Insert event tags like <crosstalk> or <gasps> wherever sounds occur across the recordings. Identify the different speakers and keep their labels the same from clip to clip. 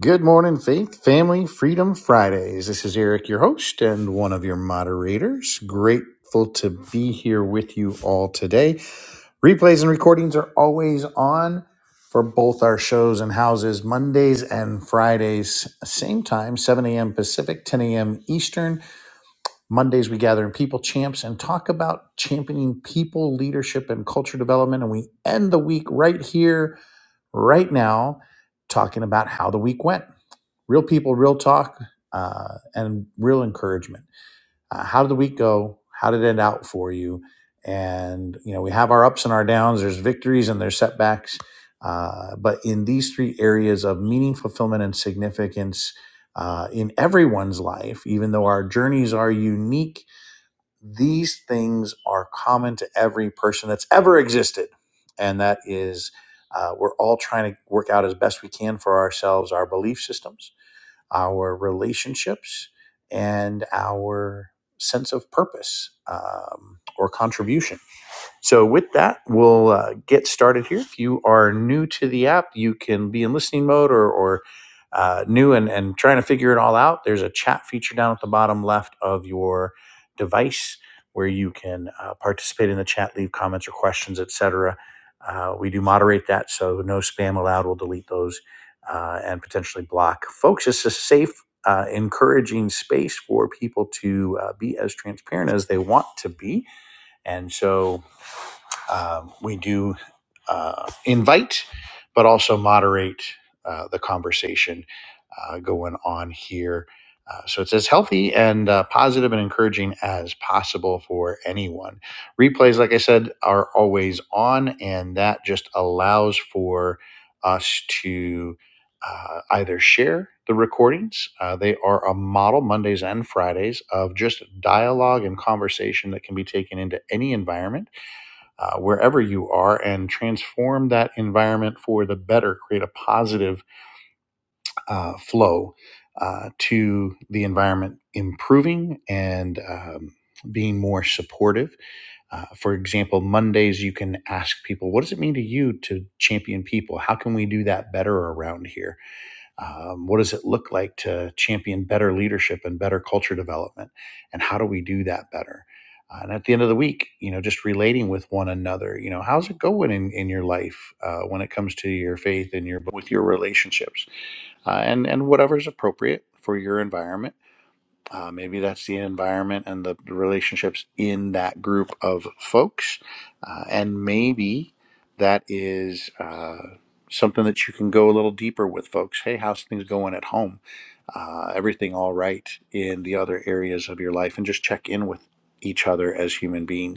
Speaker 1: Good morning, Faith, Family, Freedom Fridays. This is Eric, your host and one of your moderators. Grateful to be here with you all today. Replays and recordings are always on for both our shows and houses, Mondays and Fridays, same time, 7 a.m. Pacific, 10 a.m. Eastern. Mondays, we gather in People Champs and talk about championing people, leadership, and culture development. And we end the week right here right now talking about how the week went real people, real talk, uh, and real encouragement. Uh, how did the week go? How did it end out for you? And you know, we have our ups and our downs. There's victories and there's setbacks. Uh, but in these three areas of meaning, fulfillment, and significance uh, in everyone's life, even though our journeys are unique, these things are common to every person that's ever existed. And that is, uh, we're all trying to work out as best we can for ourselves our belief systems, our relationships, and our sense of purpose um, or contribution. So, with that, we'll uh, get started here. If you are new to the app, you can be in listening mode or, or uh, new and, and trying to figure it all out. There's a chat feature down at the bottom left of your device where you can uh, participate in the chat, leave comments or questions, etc. Uh, we do moderate that, so no spam allowed. We'll delete those uh, and potentially block folks. It's a safe, uh, encouraging space for people to uh, be as transparent as they want to be. And so um, we do uh, invite, but also moderate uh, the conversation uh, going on here. Uh, so it's as healthy and uh, positive and encouraging as possible for anyone. Replays, like I said, are always on, and that just allows for us to uh, either share the recordings. Uh, they are a model Mondays and Fridays of just dialogue and conversation that can be taken into any environment uh, wherever you are and transform that environment for the better, create a positive uh, flow uh, to the environment improving and um, being more supportive. Uh, for example, Mondays, you can ask people, What does it mean to you to champion people? How can we do that better around here? Um, what does it look like to champion better leadership and better culture development? And how do we do that better? Uh, and at the end of the week, you know, just relating with one another, you know, how's it going in, in your life uh, when it comes to your faith and your with your relationships uh, and and whatever's appropriate for your environment uh, maybe that's the environment and the, the relationships in that group of folks. Uh, and maybe that is uh, something that you can go a little deeper with folks. Hey, how's things going at home? Uh, everything all right in the other areas of your life? And just check in with each other as human beings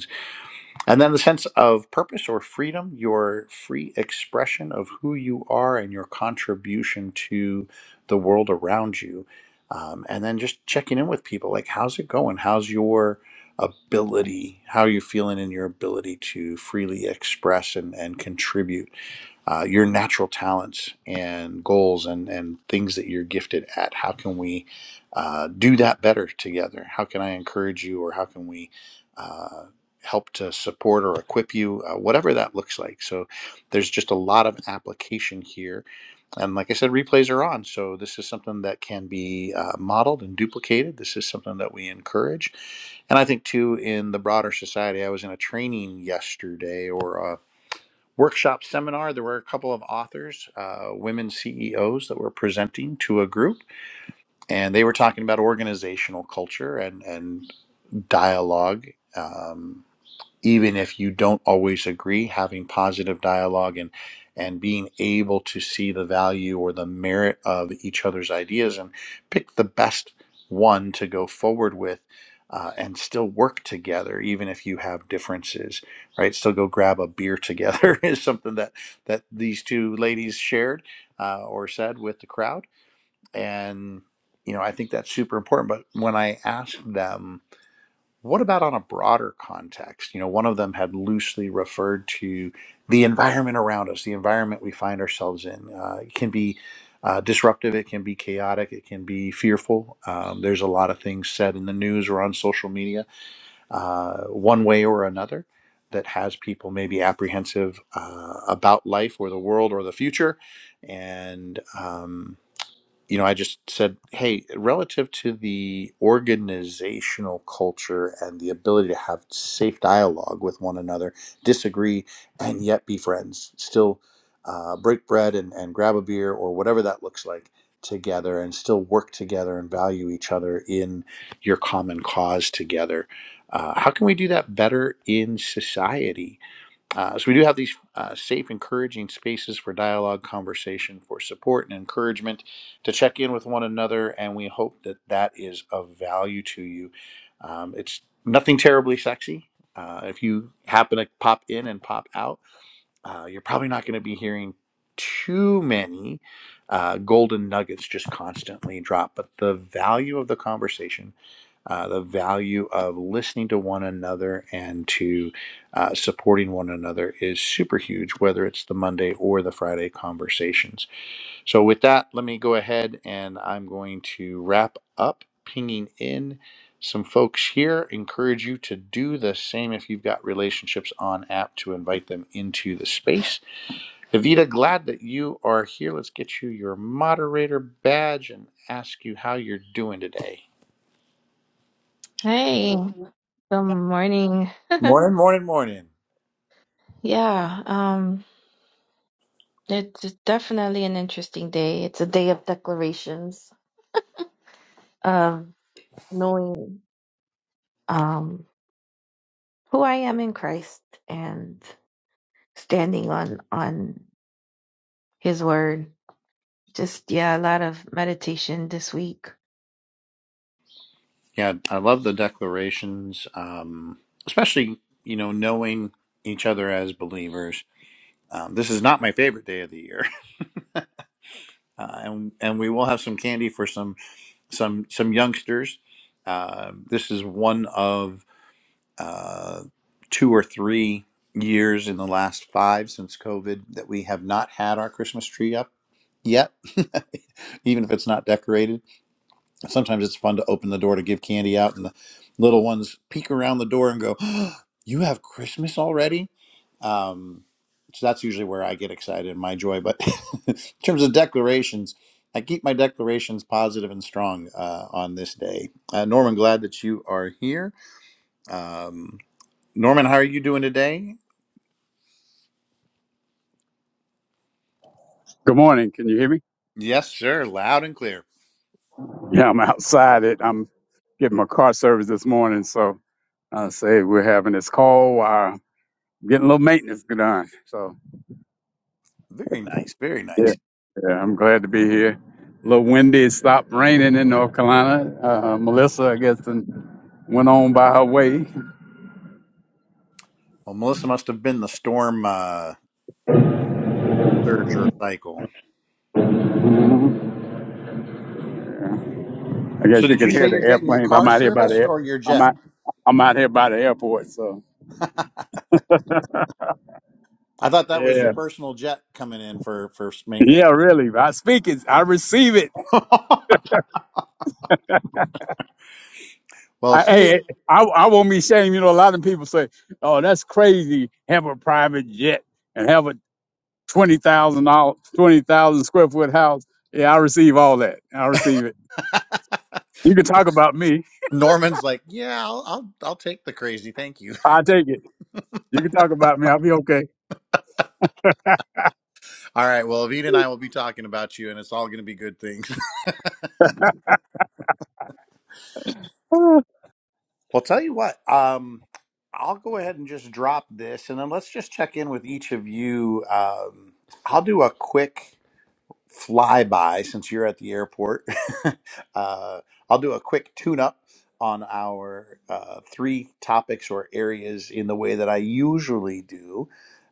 Speaker 1: and then the sense of purpose or freedom, your free expression of who you are and your contribution to the world around you. Um, and then just checking in with people like, how's it going? How's your ability? How are you feeling in your ability to freely express and, and contribute? uh, your natural talents and goals and, and things that you're gifted at. How can we uh, do that better together? How can I encourage you or how can we uh, help to support or equip you, uh, whatever that looks like? So there's just a lot of application here. And like I said, replays are on. So this is something that can be uh, modeled and duplicated. This is something that we encourage. And I think, too, in the broader society, I was in a training yesterday or uh, workshop seminar. There were a couple of authors, uh, women CEOs, that were presenting to a group, and they were talking about organizational culture and and dialogue. Um, even if you don't always agree, having positive dialogue and and being able to see the value or the merit of each other's ideas and pick the best one to go forward with. Uh, and still work together, even if you have differences, right? Still go grab a beer together <laughs> is something that that these two ladies shared uh, or said with the crowd, and you know I think that's super important. But when I asked them what about on a broader context? You know, one of them had loosely referred to the environment around us, the environment we find ourselves in. Uh, it can be uh, disruptive, it can be chaotic, it can be fearful. Um, there's a lot of things said in the news or on social media, uh, one way or another, that has people maybe apprehensive uh, about life or the world or the future. And, um, you know, I just said, hey, relative to the organizational culture and the ability to have safe dialogue with one another, disagree and yet be friends, still uh, break bread and, and grab a beer or whatever that looks like together and still work together and value each other in your common cause together. Uh, how can we do that better in society? Uh, so we do have these uh, safe, encouraging spaces for dialogue, conversation, for support and encouragement to check in with one another, and we hope that that is of value to you. Um, it's nothing terribly sexy. Uh, if you happen to pop in and pop out, uh, you're probably not going to be hearing too many uh, golden nuggets just constantly drop, but the value of the conversation uh, the value of listening to one another and to uh, supporting one another is super huge, whether it's the Monday or the Friday conversations. So, with that, let me go ahead and I'm going to wrap up pinging in some folks here. Encourage you to do the same if you've got relationships on app to invite them into the space. Evita, glad that you are here. Let's get you your moderator badge and ask you how you're doing today.
Speaker 2: Hey, good morning. <laughs>
Speaker 1: Morning, morning, morning.
Speaker 2: Yeah, um, it's definitely an interesting day. It's a day of declarations of knowing um who I am in Christ and standing on on His word. Just yeah, a lot of meditation this week.
Speaker 1: Yeah, I love the declarations, um, especially you know knowing each other as believers. Um, this is not my favorite day of the year, <laughs> uh, and and we will have some candy for some some some youngsters. Uh, this is one of uh, two or three years in the last five since COVID that we have not had our Christmas tree up yet, <laughs> even if it's not decorated. sometimes it's fun to open the door to give candy out and the little ones peek around the door and go <gasps> "Oh, you have christmas already um, so that's usually where i get excited and my joy but <laughs> in terms of declarations i keep my declarations positive and strong uh, on this day uh, norman glad that you are here um, norman how are you doing today
Speaker 3: Good morning. Can you hear me?
Speaker 1: yes sir loud and clear
Speaker 3: Yeah, I'm outside. It. I'm getting my car service this morning, so I say we're having this call while I'm getting a little maintenance done. So
Speaker 1: very nice very
Speaker 3: yeah,
Speaker 1: nice
Speaker 3: yeah, I'm glad to be here. A little windy. It stopped raining in North Carolina. Uh, Melissa, I guess, and went on by her way.
Speaker 1: well melissa must have been the storm uh, surge or cycle
Speaker 3: I
Speaker 1: So
Speaker 3: guess you
Speaker 1: did
Speaker 3: can
Speaker 1: you say
Speaker 3: hear the
Speaker 1: you're getting your
Speaker 3: airplanes. I'm
Speaker 1: car
Speaker 3: out here by the.
Speaker 1: serviced
Speaker 3: Air.
Speaker 1: or your
Speaker 3: I'm
Speaker 1: jet?
Speaker 3: out. I'm out here by the airport. So
Speaker 1: I thought that was your
Speaker 3: yeah,
Speaker 1: personal jet coming in for for maintenance.
Speaker 3: yeah, really. I speak it. I receive it.
Speaker 1: <laughs> well,
Speaker 3: I,
Speaker 1: as soon as
Speaker 3: hey, I, I won't be ashamed. You know, a lot of people say, "Oh, that's crazy. Have a private jet and have a twenty thousand dollars, twenty thousand square foot house." Yeah, I receive all that. I receive it. You can talk about me.
Speaker 1: Norman's like, yeah, I'll, I'll I'll take the crazy, thank you. <laughs>
Speaker 3: I take it. You can talk about me. I'll be okay.
Speaker 1: All right, well, Avita and I will be talking about you, and it's all going to be good things. <laughs>
Speaker 3: <sighs>
Speaker 1: Well, tell you what, um, I'll go ahead and just drop this, and then let's just check in with each of you. Um, I'll do a quick. flyby since you're at the airport. <laughs> uh, I'll do a quick tune up on our uh, three topics or areas in the way that I usually do.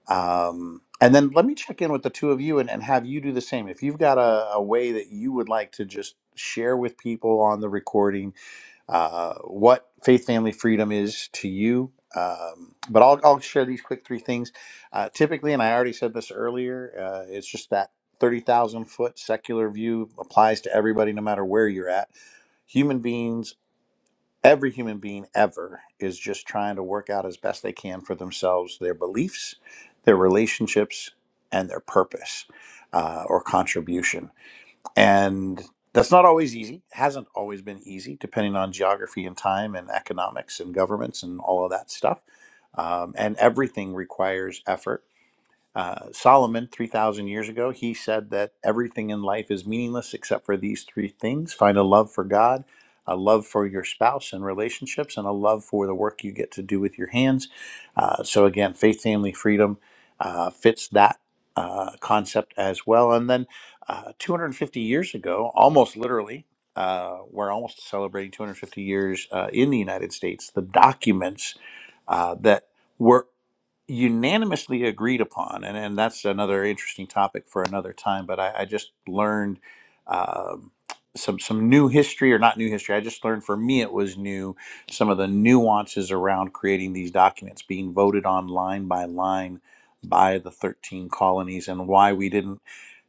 Speaker 1: Um, and then let me check in with the two of you and, and have you do the same. If you've got a, a way that you would like to just share with people on the recording, uh, what faith family freedom is to you. Um, but I'll, I'll share these quick three things. Uh, typically, and I already said this earlier, uh, it's just that 30,000 foot secular view applies to everybody, no matter where you're at. Human beings, every human being ever, is just trying to work out as best they can for themselves their beliefs, their relationships, and their purpose uh, or contribution and that's not always easy, hasn't always been easy, depending on geography and time and economics and governments and all of that stuff. Um, and everything requires effort uh, Solomon, 3,000 years ago, he said that everything in life is meaningless except for these three things find a love for God, a love for your spouse and relationships, and a love for the work you get to do with your hands. Uh, so, again, faith, family, freedom uh, fits that uh, concept as well. And then uh, 250 years ago, almost literally, uh, we're almost celebrating 250 years uh, in the United States, the documents uh, that were unanimously agreed upon, and, and that's another interesting topic for another time. But I, I just learned um, some some new history, or not new history. I just learned for me it was new. Some of the nuances around creating these documents being voted on line by line by the 13 colonies, and why we didn't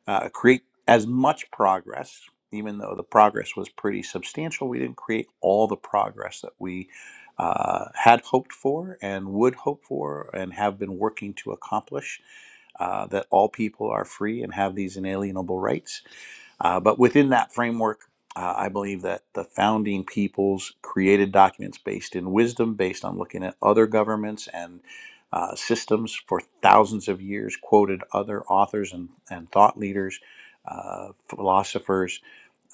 Speaker 1: uh, create as much progress, even though the progress was pretty substantial. We didn't create all the progress that we uh, had hoped for and would hope for and have been working to accomplish. Uh, that all people are free and have these inalienable rights uh, but within that framework, uh, I believe that the founding peoples created documents based in wisdom, based on looking at other governments and uh, systems for thousands of years, quoted other authors and, and thought leaders, uh, philosophers,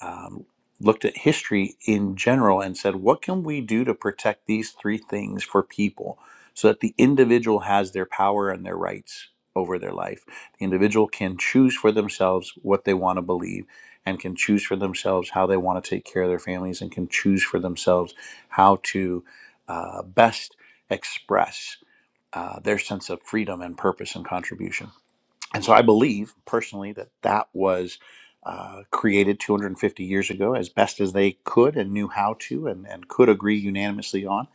Speaker 1: um, looked at history in general and said, what can we do to protect these three things for people so that the individual has their power and their rights over their life? The individual can choose for themselves what they want to believe and can choose for themselves how they want to take care of their families and can choose for themselves how to uh, best express uh, their sense of freedom and purpose and contribution. And so I believe personally that that was uh, created 250 years ago as best as they could and knew how to and, and could agree unanimously on.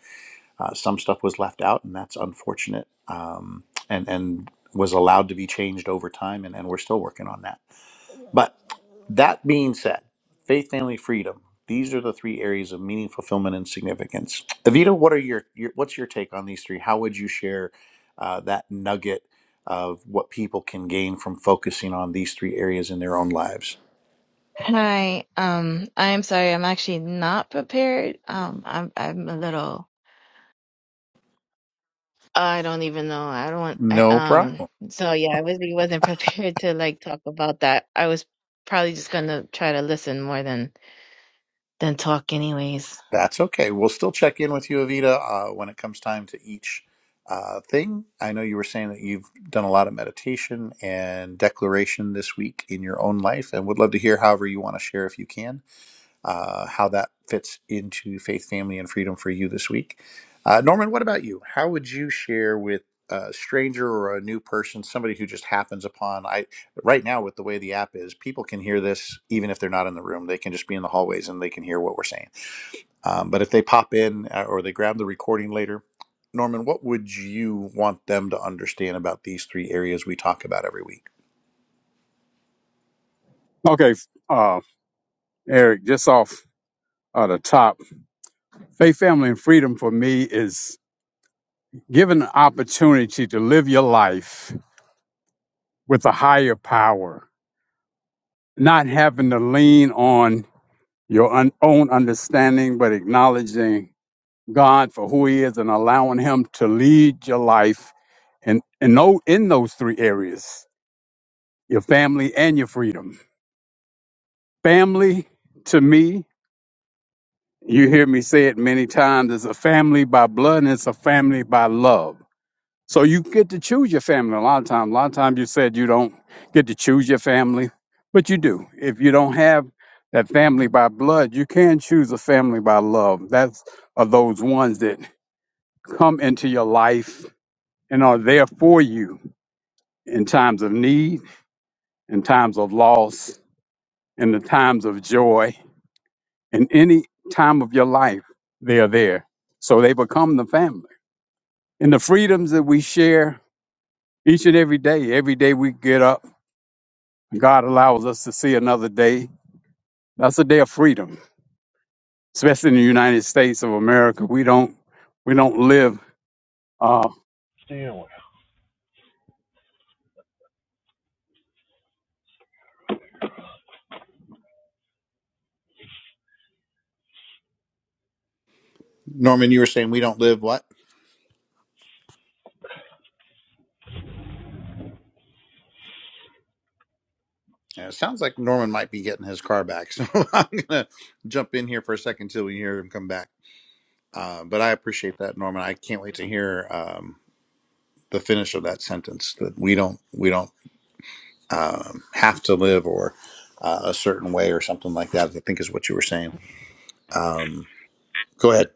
Speaker 1: Uh, some stuff was left out, and that's unfortunate um, and, and was allowed to be changed over time, and, and we're still working on that. But that being said, faith, family, freedom. These are the three areas of meaning, fulfillment, and significance. Evita, what are your, your what's your take on these three? How would you share uh, that nugget of what people can gain from focusing on these three areas in their own lives?
Speaker 2: Hi, um, I'm sorry, I'm actually not prepared. Um, I'm I'm a little I don't even know. I don't. want, I
Speaker 1: No
Speaker 2: um.
Speaker 1: problem.
Speaker 2: So yeah, I really wasn't <laughs> prepared to like talk about that. I was probably just gonna try to listen more than than talk, anyways.
Speaker 1: That's okay. We'll still check in with you, Evita, uh, when it comes time to each uh, thing. I know you were saying that you've done a lot of meditation and declaration this week in your own life, and would love to hear however you want to share if you can uh, how that fits into faith, family, and freedom for you this week. Uh, Norman, what about you? How would you share with a stranger or a new person, somebody who just happens upon? I right now with the way the app is, people can hear this even if they're not in the room. They can just be in the hallways and they can hear what we're saying. Um, but if they pop in uh, or they grab the recording later, Norman, what would you want them to understand about these three areas we talk about every week?
Speaker 3: Ah. Okay, uh, Eric, just off at the top, faith, family, and freedom for me is given the opportunity to live your life with a higher power, not having to lean on your un- own understanding, but acknowledging God for who He is and allowing Him to lead your life in, in, no, in those three areas your family and your freedom. Family, to me, you hear me say it many times, is a family by blood and it's a family by love. So you get to choose your family a lot of times. A lot of times you said you don't get to choose your family, but you do. If you don't have that family by blood, you can choose a family by love. That's are those ones that come into your life and are there for you in times of need, in times of loss, in the times of joy, in any time of your life, they are there. So they become the family. And the freedoms that we share each and every day, every day we get up God allows us to see another day. That's a day of freedom, especially in the United States of America. We don't we don't live. Uh,
Speaker 1: Norman, you were saying we don't live what? And it sounds like Norman might be getting his car back. So <laughs> I'm going to jump in here for a second till we hear him come back. Uh, but I appreciate that, Norman. I can't wait to hear um, the finish of that sentence that we don't, we don't um, have to live or uh, a certain way or something like that, I think is what you were saying. Um, go ahead.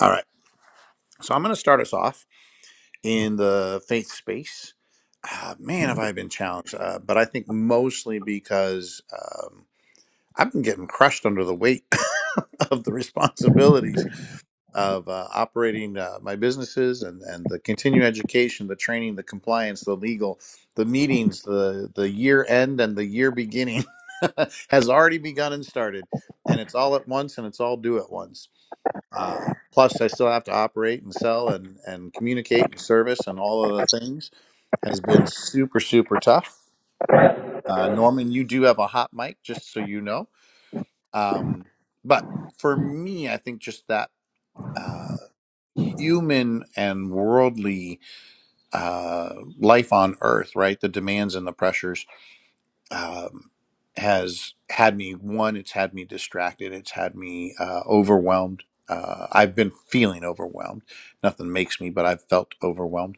Speaker 1: All right. So I'm going to start us off in the faith space. Ah, man, have I been challenged, uh, but I think mostly because. um, I've been getting crushed under the weight <laughs> of the responsibilities of uh, operating uh, my businesses and, and the continuing education, the training, the compliance, the legal, the meetings, the, the year end and the year beginning <laughs> has already begun and started. And it's all at once and it's all due at once. Uh, plus, I still have to operate and sell and, and communicate and service and all of the things has been super, super tough. Uh, Norman, you do have a hot mic, just so you know. Um, but for me, I think just that uh, human and worldly uh, life on Earth, right? The demands and the pressures um, has had me, one, it's had me distracted, it's had me uh, overwhelmed. Uh, I've been feeling overwhelmed. Nothing makes me, but I've felt overwhelmed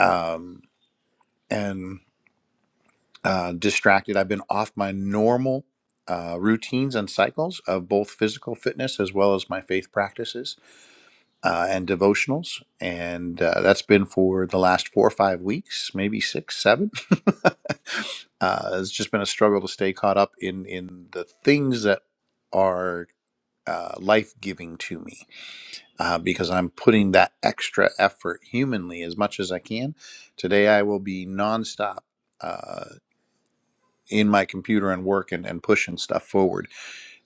Speaker 1: um, and uh, distracted. I've been off my normal uh, routines and cycles of both physical fitness as well as my faith practices uh, and devotionals. And uh, that's been for the last four or five weeks, maybe six, seven. <laughs> uh, it's just been a struggle to stay caught up in, in the things that are uh, life giving to me uh, because I'm putting that extra effort humanly as much as I can. Today, I will be nonstop. Uh, in my computer and work and, and pushing stuff forward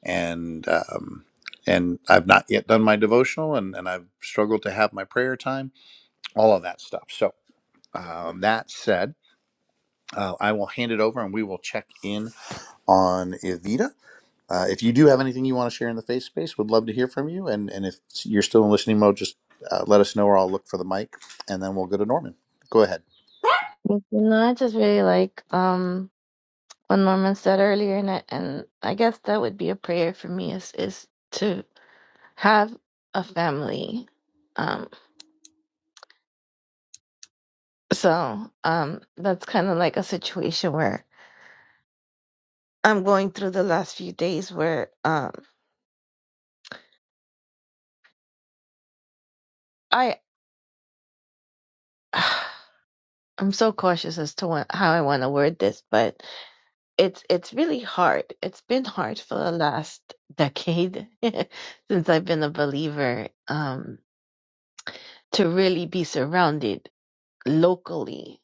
Speaker 1: and um, and I've not yet done my devotional and, and I've struggled to have my prayer time all of that stuff. So, um, that said, uh, I will hand it over and we will check in on Evita. Uh, if you do have anything you want to share in the face space, would love to hear from you. And, and if you're still in listening mode, just uh, let us know or I'll look for the mic and then we'll go to Norman. Go ahead.
Speaker 2: But, you know, I just really like um what Norman said earlier, and I, and I guess that would be a prayer for me is is to have a family. Um, so um, that's kind of like a situation where I'm going through the last few days where um, I <sighs> I'm so cautious as to what, how I want to word this, but it's it's really hard. It's been hard for the last decade <laughs> since I've been a believer um, to really be surrounded locally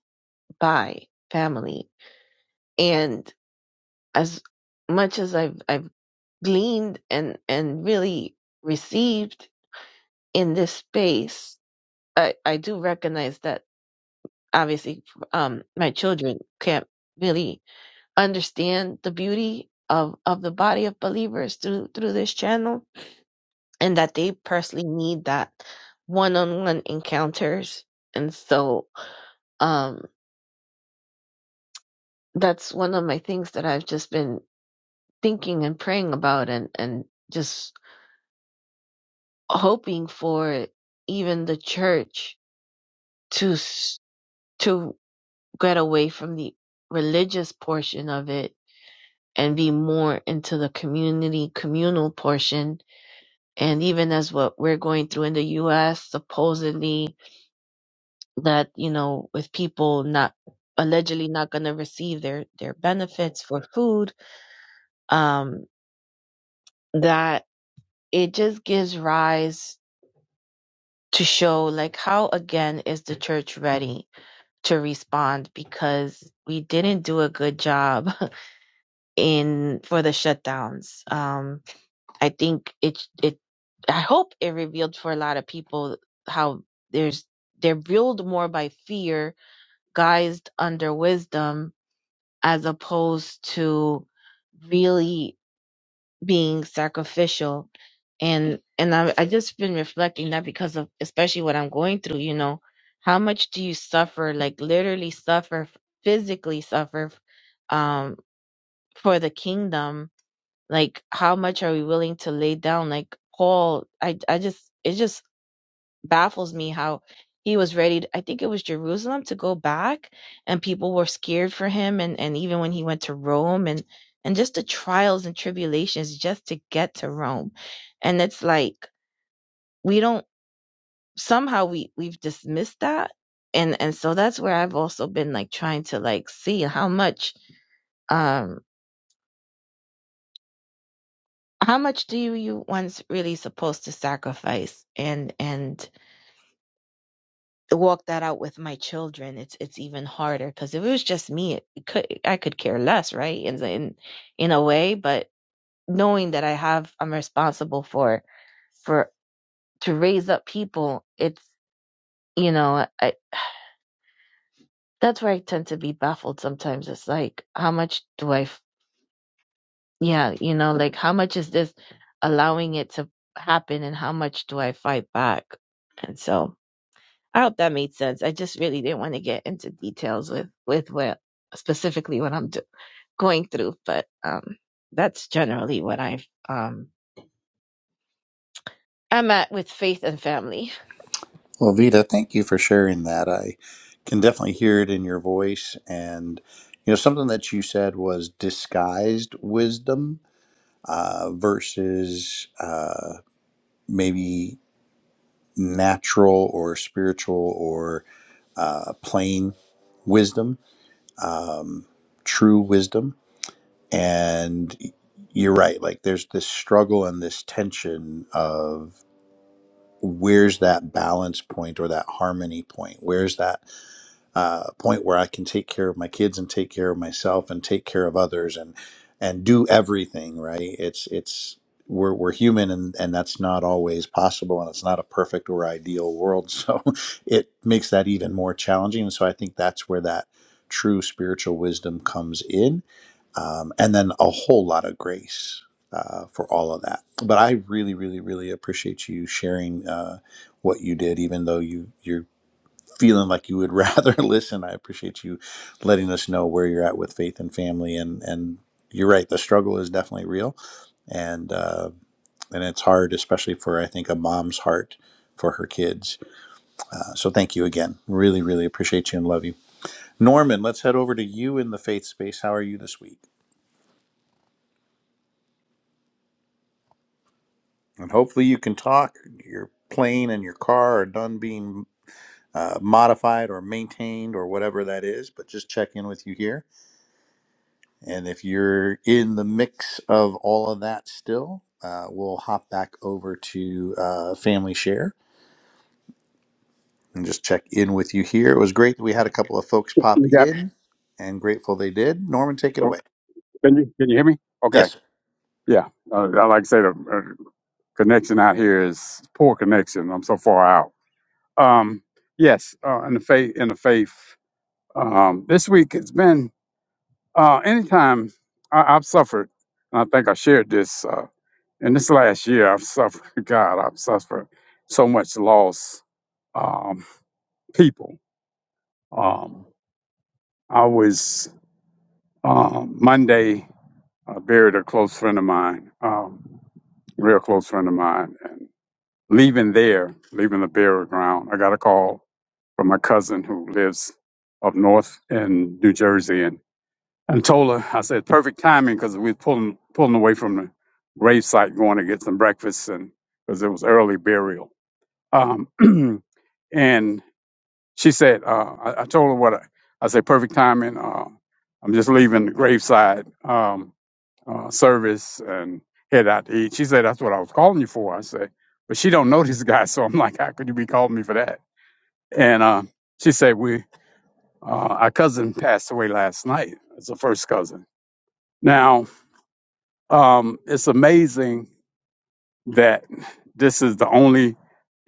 Speaker 2: by family and as much as I've I've gleaned and and really received in this space i i do recognize that obviously um my children can't really understand the beauty of of the body of believers through through this channel and that they personally need that one-on-one encounters and so um that's one of my things that i've just been thinking and praying about and and just hoping for even the church to s- to get away from the religious portion of it and be more into the community communal portion and even as what we're going through in the US supposedly that you know with people not allegedly not going to receive their their benefits for food um that it just gives rise to show like how again is the church ready to respond because we didn't do a good job in for the shutdowns. Um, I think it it I hope it revealed for a lot of people how there's they're ruled more by fear, guised under wisdom, as opposed to really being sacrificial. And and I I just been reflecting that because of especially what I'm going through. You know, how much do you suffer? Like literally suffer, physically suffer, um, for the kingdom like how much are we willing to lay down like paul i i just it just baffles me how he was ready to, i think it was jerusalem to go back and people were scared for him and and even when he went to rome and and just the trials and tribulations just to get to rome and it's like we don't somehow we we've dismissed that and and so that's where i've also been like trying to like see how much um, how much do you you one's really supposed to sacrifice and and walk that out with my children it's it's even harder because if it was just me it could i could care less right in, in in a way but knowing that i have i'm responsible for for to raise up people it's you know i that's where i tend to be baffled sometimes it's like how much do i f- yeah you know like how much is this allowing it to happen and how much do i fight back and so I hope that made sense. I just really didn't want to get into details with with what specifically what I'm do- going through, but um, that's generally what I've um I'm at with faith and family.
Speaker 1: Well, Vita, thank you for sharing that. I can definitely hear it in your voice. And, you know, something that you said was disguised wisdom uh, versus uh, maybe natural or spiritual or uh, plain wisdom, um, true wisdom. And you're right, like there's this struggle and this tension of where's that balance point or that harmony point? Where's that? uh, point where I can take care of my kids and take care of myself and take care of others and and do everything right. It's it's we're we're human and and that's not always possible and it's not a perfect or ideal world. <laughs> So it makes that even more challenging. And so I think that's where that true spiritual wisdom comes in, um, and then a whole lot of grace. Uh, for all of that, but I really, really, really appreciate you sharing uh, what you did, even though you you're feeling like you would rather <laughs> listen. I appreciate you letting us know where you're at with faith and family, and and you're right. The struggle is definitely real, and uh, and it's hard, especially for I think a mom's heart for her kids. Uh, so thank you again. Really, really appreciate you and love you, Norman. Let's head over to you in the faith space. How are you this week? And hopefully you can talk. Your plane and your car are done being. Uh, modified or maintained or whatever that is, but just check in with you here And if you're in the mix of all of that still, uh, we'll hop back over to uh, Family Share and just check in with you here. It was great that we had a couple of folks pop
Speaker 3: you got-
Speaker 1: in and grateful they did. Norman, take it away.
Speaker 3: can you can you hear me? Okay,
Speaker 1: Yes. sir.
Speaker 3: yeah. Uh, I like to say the uh, connection out here is poor connection. I'm so far out. Um, yes, uh, in the faith in the faith. Um, this week it's been uh, anytime I, I've suffered, and I think I shared this uh, in this last year. I've suffered. <laughs> God, I've suffered so much loss. Um, people. Um, I was um, Monday. I buried a close friend of mine, um, real close friend of mine, and leaving there, leaving the burial ground, I got a call from my cousin who lives up north in New Jersey, and and told her I said perfect timing because we was pulling pulling away from the grave site, going to get some breakfast, and because it was early burial. Um, <clears throat> and She said, uh, I, I told her what I, I said, perfect timing. Uh, I'm just leaving the graveside um, uh, service and head out to eat. She said, that's what I was calling you for. I said, but she don't know <laughs> this guy. So I'm like, how could you be calling me for that? And uh, she said, we, uh, our cousin passed away last night. It's a first cousin. Now, um, it's amazing that this is the only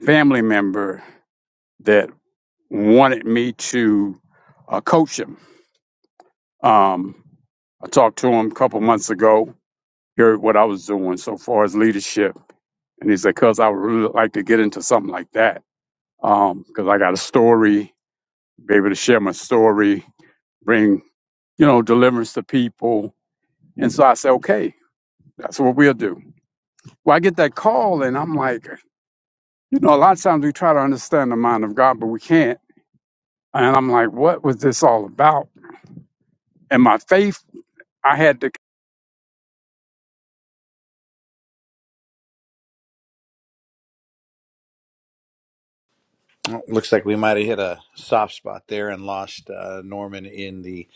Speaker 3: family member that wanted me to uh, coach him Um, I talked to him a couple months ago, heard what I was doing so far as leadership. And he said, cuz I would really like to get into something like that. Um, 'cause cause I got a story, be able to share my story, bring, you know, deliverance to people. And so I said, okay, that's what we'll do. Well, I get that call and I'm like, you know, a lot of times we try to understand the mind of God, but we can't. And I'm like, what was this all about? And my faith, I had to
Speaker 1: Well, looks like we might have hit a soft spot there and lost uh, Norman in the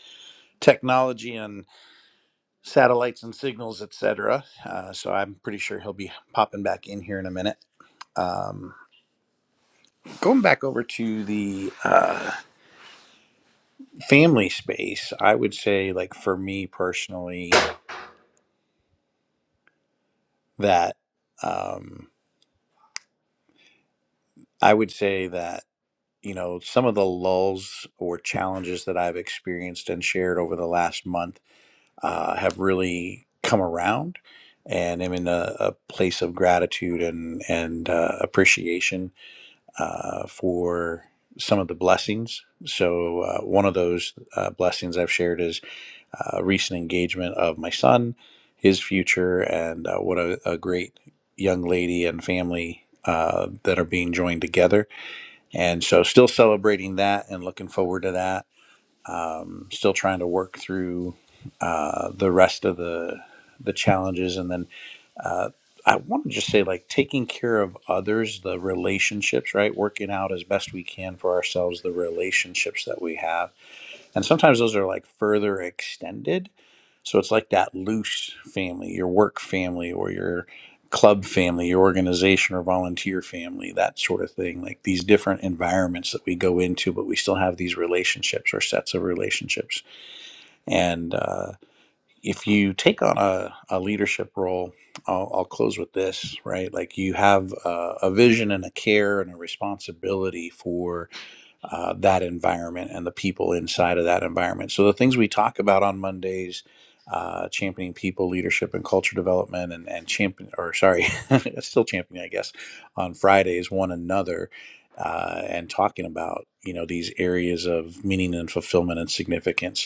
Speaker 1: technology and satellites and signals, etc. Uh, so I'm pretty sure he'll be popping back in here in a minute. Um, going back over to the uh, family space, I would say, like for me personally, that um, I would say that, you know, some of the lulls or challenges that I've experienced and shared over the last month uh, have really come around. And I'm in a, a place of gratitude and, and uh, appreciation uh, for some of the blessings. So, uh, one of those uh, blessings I've shared is. uh, recent engagement of my son, his future, and uh, what a, a great young lady and family uh, that are being joined together. And so, still celebrating that and looking forward to that. Um, still trying to work through uh, the rest of the the challenges, and then uh, I want to just say, like taking care of others, the relationships, right? Working out as best we can for ourselves the relationships that we have and sometimes those are like further extended. So it's like that loose family, your work family or your club family, your organization or volunteer family, that sort of thing. Like these different environments that we go into, but we still have these relationships or sets of relationships. And uh, if you take on a, a leadership role, I'll, I'll close with this, right? Like you have a, a vision and a care and a responsibility for uh, that environment and the people inside of that environment. So the things we talk about on Mondays, uh, championing people, leadership, and culture development, and and champion or sorry, <laughs> still championing, I guess, on Fridays one another. Uh, and talking about you know these areas of meaning and fulfillment and significance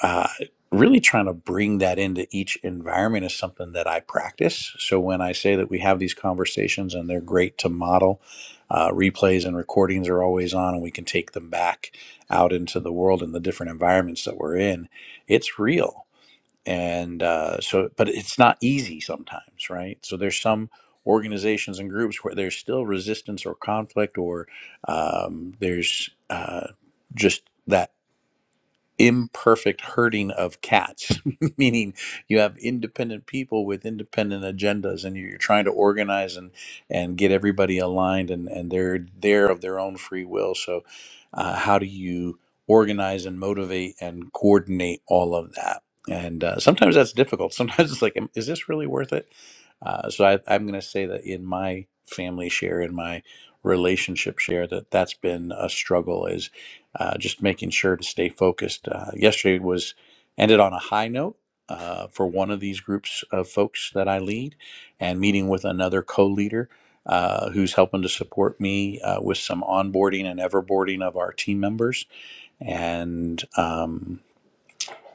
Speaker 1: uh, really trying to bring that into each environment is something that I practice. So when I say that we have these conversations and they're great to model, uh, replays and recordings are always on, and we can take them back out into the world and the different environments that we're in. It's real, and uh, so, but it's not easy sometimes, right? So there's some organizations and groups where there's still resistance or conflict, or um, there's uh, just that imperfect herding of cats, <laughs> meaning you have independent people with independent agendas, and you're trying to organize and and get everybody aligned, and and they're there of their own free will. So, uh, how do you organize and motivate and coordinate all of that? And uh, sometimes that's difficult. Sometimes it's like, "Am- is this really worth it? Uh, so I, I'm going to say that in my family share, in my relationship share, that that's been a struggle uh, just making sure to stay focused. Uh, yesterday was ended on a high note uh, for one of these groups of folks that I lead, and meeting with another co-leader uh, who's helping to support me uh, with some onboarding and everboarding of our team members. And um,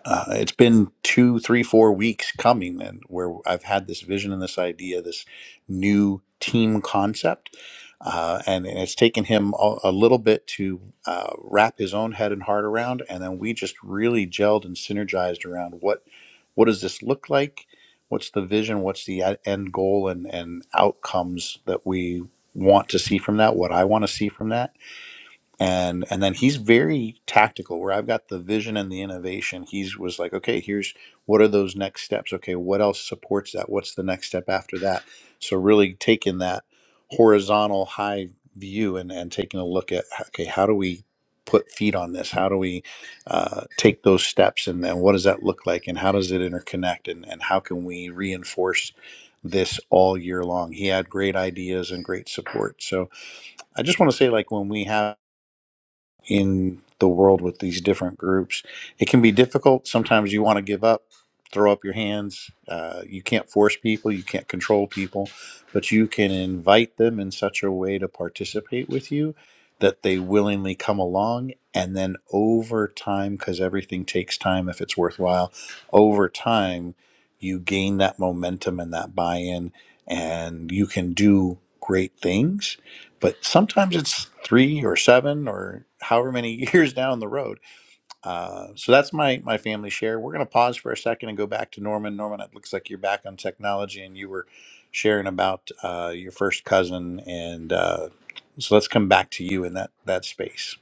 Speaker 1: uh, it's been two, three, four weeks coming, and where I've had this vision and this idea, this new team concept, uh, and, and it's taken him a, a little bit to uh, wrap his own head and heart around, and then we just really gelled and synergized around what what does this look like, what's the vision, what's the e- end goal, and and outcomes that we want to see from that, what I want to see from that and and then he's very tactical where i've got the vision and the innovation he's was like okay here's what are those next steps okay what else supports that what's the next step after that so really taking that horizontal high view and and taking a look at okay how do we put feet on this how do we uh, take those steps and, and what does that look like and how does it interconnect and, and how can we reinforce this all year long he had great ideas and great support so i just want to say like when we have in the world with these different groups. It can be difficult. Sometimes you want to give up, throw up your hands. Uh, you can't force people, you can't control people, but you can invite them in such a way to participate with you that they willingly come along. And then over time, because everything takes time if it's worthwhile, over time, you gain that momentum and that buy in, and you can do great things but sometimes it's three or seven or however many <laughs> years down the road. Uh, so that's my my family share. We're going to pause for a second and go back to Norman. Norman, it looks like you're back on technology, and you were sharing about uh, your first cousin, and uh, so let's come back to you in that that space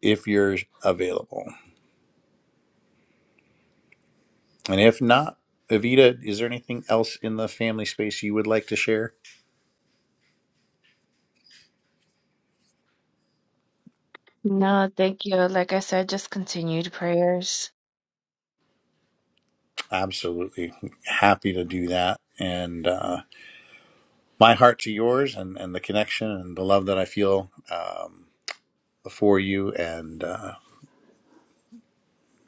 Speaker 1: if you're available, and if not. Evita, is there anything else in the family space you would like to share?
Speaker 2: No, thank you. Like I said, just continued prayers.
Speaker 1: Absolutely. Happy to do that. And Uh, my heart to yours and, and the connection and the love that I feel um, for you and uh,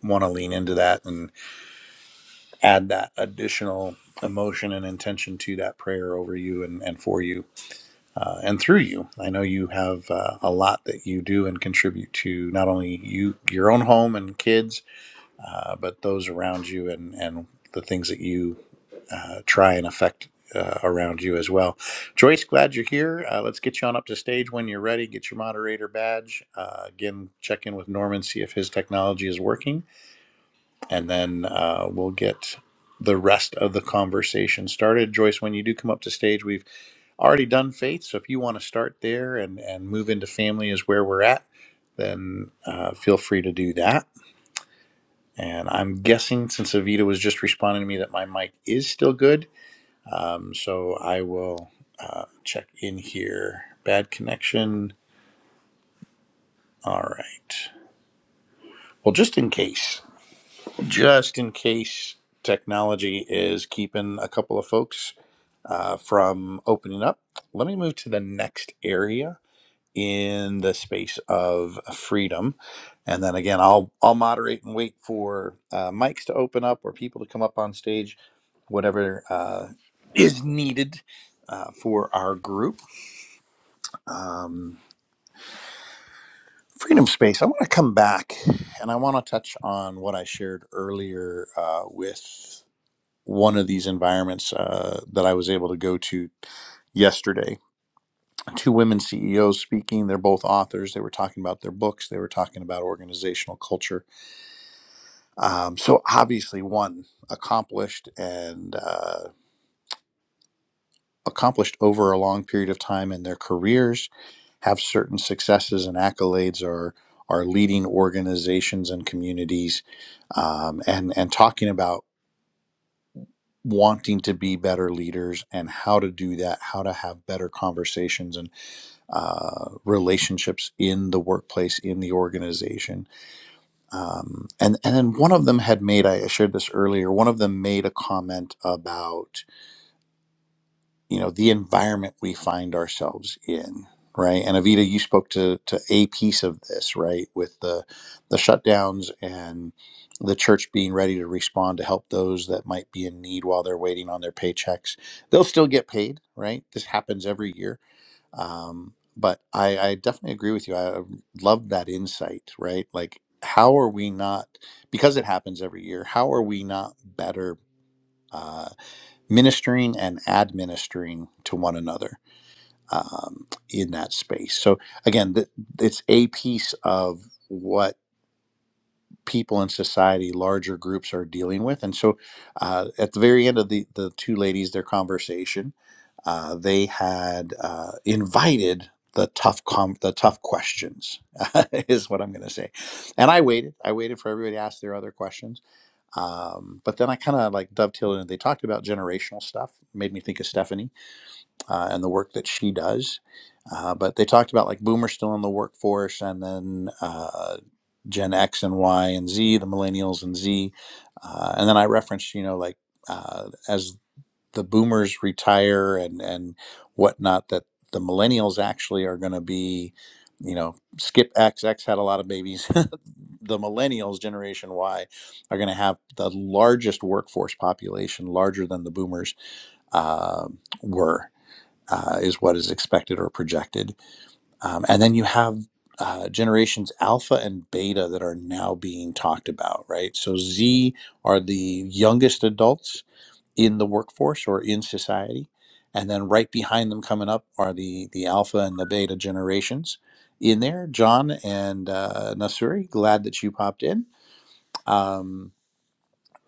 Speaker 1: want to lean into that and add that additional emotion and intention to that prayer over you and, and for you uh, and through you. I know you have uh, a lot that you do and contribute to not only you, your own home and kids, uh, but those around you and, and the things that you uh, try and affect uh, around you as well. Joyce, glad you're here. Uh, let's get you on up to stage when you're ready. Get your moderator badge. Uh, again, check in with Norman, see if his technology is working, and then uh, we'll get the rest of the conversation started. Joyce, when you do come up to stage, we've already done faith. So if you want to start there and, and move into family is where we're at, then uh, feel free to do that. And I'm guessing since Avita was just responding to me that my mic is still good. Um, so I will uh, check in here. Bad connection. All right. Well, just in case, just in case technology is keeping a couple of folks uh, from opening up, let me move to the next area in the space of freedom. And then again, I'll I'll moderate and wait for uh, mics to open up or people to come up on stage, whatever uh, is needed uh, for our group. Um, Freedom Space, I want to come back and I want to touch on what I shared earlier uh, with one of these environments uh, that I was able to go to yesterday. Two women CEOs speaking. They're both authors. They were talking about their books. They were talking about organizational culture. Um, so obviously, one accomplished and uh, accomplished over a long period of time in their careers, have certain successes and accolades, or are leading organizations and communities, um, and and talking about wanting to be better leaders and how to do that, how to have better conversations and uh, relationships in the workplace, in the organization, um, and and then one of them had made I shared this earlier. One of them made a comment about you know the environment we find ourselves in right and avita you spoke to to a piece of this right with the the shutdowns and the church being ready to respond to help those that might be in need while they're waiting on their paychecks they'll still get paid right this happens every year um, but I, I definitely agree with you i love that insight right like how are we not because it happens every year how are we not better uh, ministering and administering to one another um, in that space. So again, th- it's a piece of what people in society, larger groups, are dealing with. And so, uh, at the very end of the the two ladies, their conversation, uh, they had uh, invited. The tough, com- the tough questions <laughs> is what I'm going to say, and I waited. I waited for everybody to ask their other questions, um, but then I kind of like dovetailed in. They talked about generational stuff, made me think of Stephanie, uh, and the work that she does. Uh, but they talked about like boomers still in the workforce, and then uh, Gen X and Y and Z, the millennials and Z, uh, and then I referenced you know like uh, as the boomers retire and and whatnot that the millennials actually are going to be. You know, skip X, X had a lot of babies. <laughs> the millennials, Generation Y, are going to have the largest workforce population, larger than the boomers uh, were uh, is what is expected or projected. Um, and then you have uh, generations alpha and beta that are now being talked about, right? So Z are the youngest adults in the workforce or in society. And then right behind them coming up are the, the alpha and the beta generations in there. John and uh, Nasuri, glad that you popped in. Um,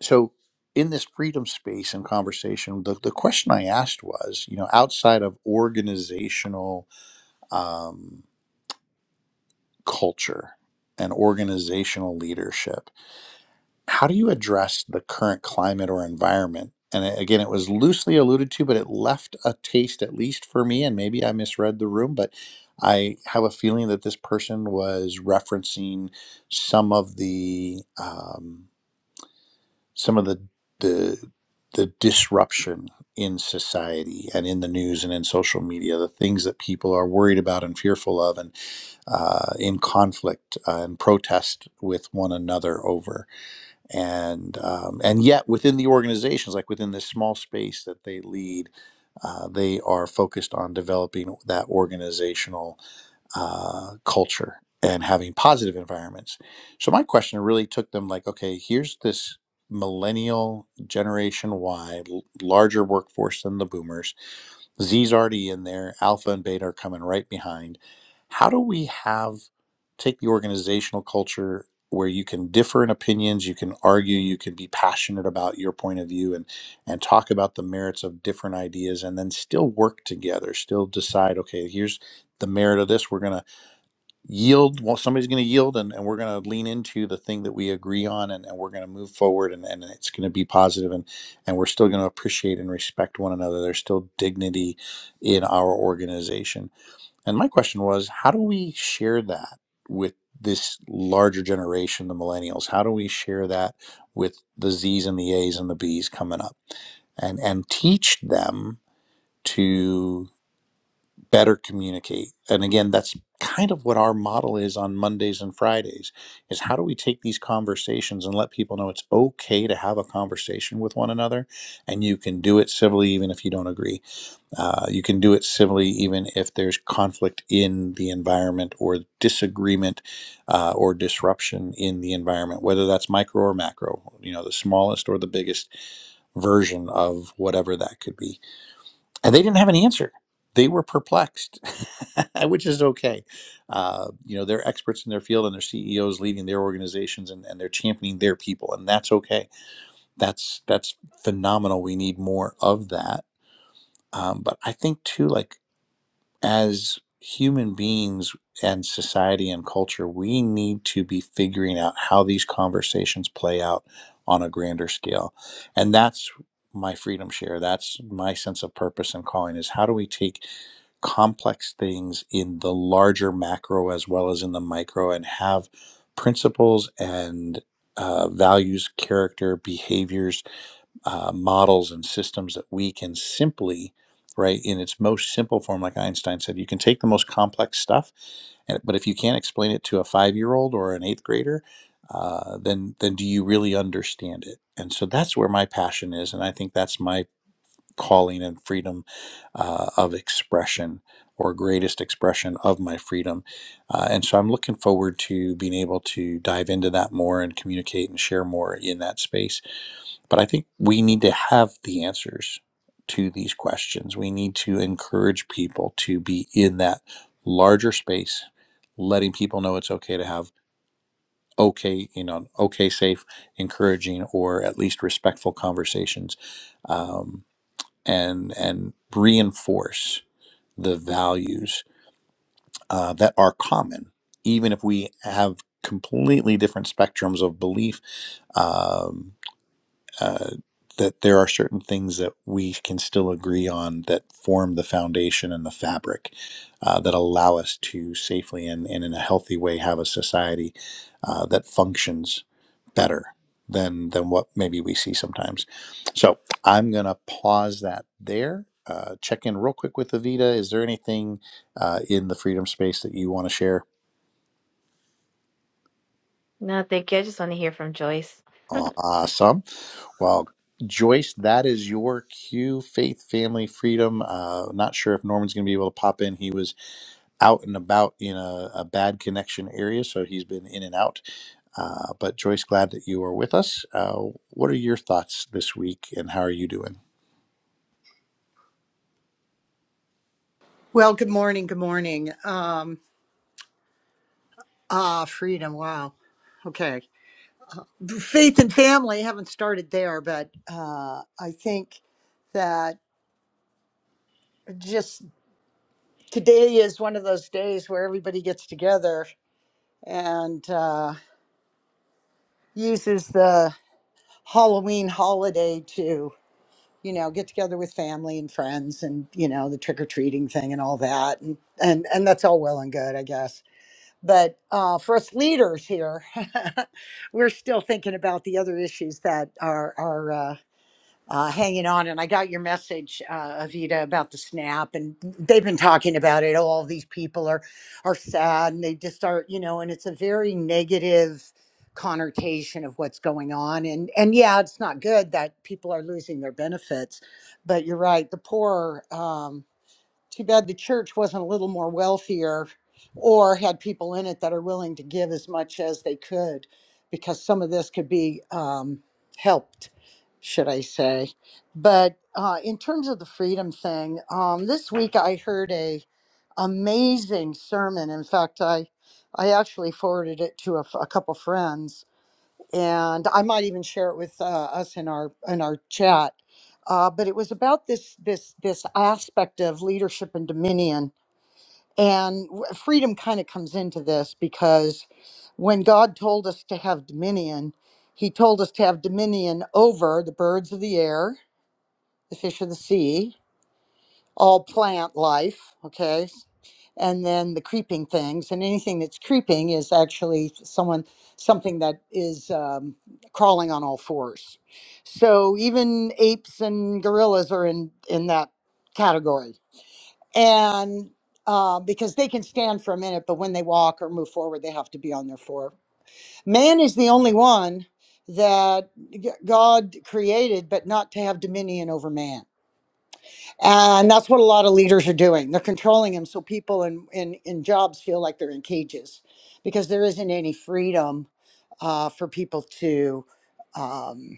Speaker 1: so, in this freedom space and conversation, the, the question I asked was, you know, outside of organizational um, culture and organizational leadership. How do you address the current climate or environment? And again, it was loosely alluded to, but it left a taste, at least for me, and maybe I misread the room, but I have a feeling that this person was referencing some of the um, some of the the the disruption in society and in the news and in social media, the things that people are worried about and fearful of, and uh, in conflict uh, and protest with one another over, and um, and yet within the organizations, like within this small space that they lead, uh, they are focused on developing that organizational uh, culture and having positive environments. So my question really took them like, okay, here's this millennial generation Y, l- larger workforce than the boomers. Z's already in there. Alpha and beta are coming right behind. How do we have take the organizational culture where you can differ in opinions, you can argue, you can be passionate about your point of view and and talk about the merits of different ideas and then still work together, still decide, okay, here's the merit of this. We're going to yield. Well, somebody's going to yield, and, and we're going to lean into the thing that we agree on, and, and we're going to move forward, and, and it's going to be positive, and and we're still going to appreciate and respect one another. There's still dignity in our organization. And my question was, how do we share that with this larger generation, the millennials? How do we share that with the Z's and the A's and the B's coming up, and and teach them? to better communicate and again that's kind of what our model is on mondays and fridays is how do we take these conversations and let people know it's okay to have a conversation with one another and you can do it civilly even if you don't agree uh, you can do it civilly even if there's conflict in the environment or disagreement uh, or disruption in the environment whether that's micro or macro you know the smallest or the biggest version of whatever that could be and they didn't have an answer. They were perplexed, <laughs> which is okay. Uh, you know, they're experts in their field and their CEOs leading their organizations and, and they're championing their people, and that's okay. That's that's phenomenal. We need more of that. Um, but I think too, like as human beings and society and culture, we need to be figuring out how these conversations play out on a grander scale. And that's my freedom share. That's my sense of purpose and calling is how do we take complex things in the larger macro as well as in the micro and have principles and uh, values, character, behaviors uh, models and systems that we can simply right in its most simple form like einstein said you can take the most complex stuff and, but if you can't explain it to a five year old or an eighth grader uh, then then do you really understand it and so that's where my passion is and i think that's my calling and freedom uh, of expression or greatest expression of my freedom uh, and so i'm looking forward to being able to dive into that more and communicate and share more in that space but I think we need to have the answers to these questions. We need to encourage people to be in that larger space, letting people know it's okay to have okay, you know, okay, safe, encouraging, or at least respectful conversations, um, and and reinforce the values uh, that are common, even if we have completely different spectrums of belief. Um, uh, that there are certain things that we can still agree on that form the foundation and the fabric uh, that allow us to safely and, and in a healthy way have a society uh, that functions better than than what maybe we see sometimes. So I'm gonna pause that there. Uh, check in real quick with Avita. Is there anything uh, in the freedom space that you want to share?
Speaker 2: No, thank you. I just want to hear from Joyce.
Speaker 1: Awesome. Well, Joyce, that is your cue. Faith, family, freedom. Uh, not sure if Norman's going to be able to pop in. He was out and about in a, a bad connection area, so he's been in and out. Uh, but Joyce, glad that you are with us. Uh, what are your thoughts this week, and how are you doing?
Speaker 4: Well, good morning. Good morning. Um, ah, freedom. Wow. Okay. Faith and family, haven't started there, but uh, I think that just today is one of those days where everybody gets together and uh, uses the Halloween holiday to, you know, get together with family and friends and, you know, the trick or treating thing and all that. And, and, and that's all well and good, I guess But uh, for us leaders here, <laughs> we're still thinking about the other issues that are are uh, uh, hanging on. And I got your message, uh, Avita, about the snap, and they've been talking about it. Oh, all these people are are sad, and they just are, you know. And it's a very negative connotation of what's going on. And and yeah, it's not good that people are losing their benefits, but you're right. The poor. Um, too bad the church wasn't a little more wealthier or had people in it that are willing to give as much as they could because some of this could be um, helped, should I say. But uh, in terms of the freedom thing, um, this week I heard a amazing sermon. In fact, I I actually forwarded it to a, f- a couple friends and I might even share it with uh, us in our in our chat. Uh, but it was about this this this aspect of leadership and dominion, and w- freedom kind of comes into this because when God told us to have dominion, He told us to have dominion over the birds of the air, the fish of the sea all plant life, okay? And then the creeping things, and anything that's creeping is actually someone, something that is um, crawling on all fours. So even apes and gorillas are in in that category, and uh, because they can stand for a minute, but when they walk or move forward, they have to be on their four. Man is the only one that g- God created, but not to have dominion over man and that's what a lot of leaders are doing they're controlling them so people in in, in jobs feel like they're in cages because there isn't any freedom uh, for people to um,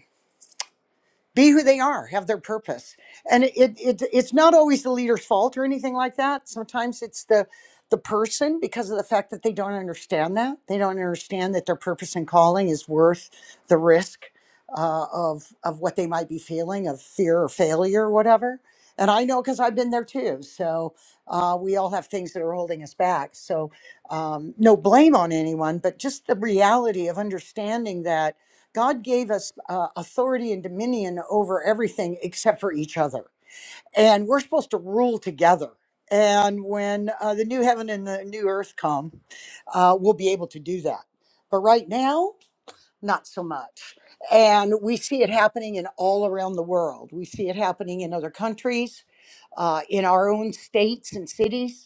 Speaker 4: be who they are, have their purpose. And it, it, it's not always the leader's fault or anything like that. Sometimes it's the the person because of the fact that they don't understand that they don't understand that their purpose and calling is worth the risk uh, of of what they might be feeling of fear or failure or whatever. And I know because I've been there too. So uh, we all have things that are holding us back. So um, no blame on anyone, but just the reality of understanding that God gave us uh, authority and dominion over everything except for each other. And we're supposed to rule together. And when uh, the new heaven and the new earth come, uh, we'll be able to do that. But right now, not so much. And we see it happening in all around the world. We see it happening in other countries, uh, in our own states and cities.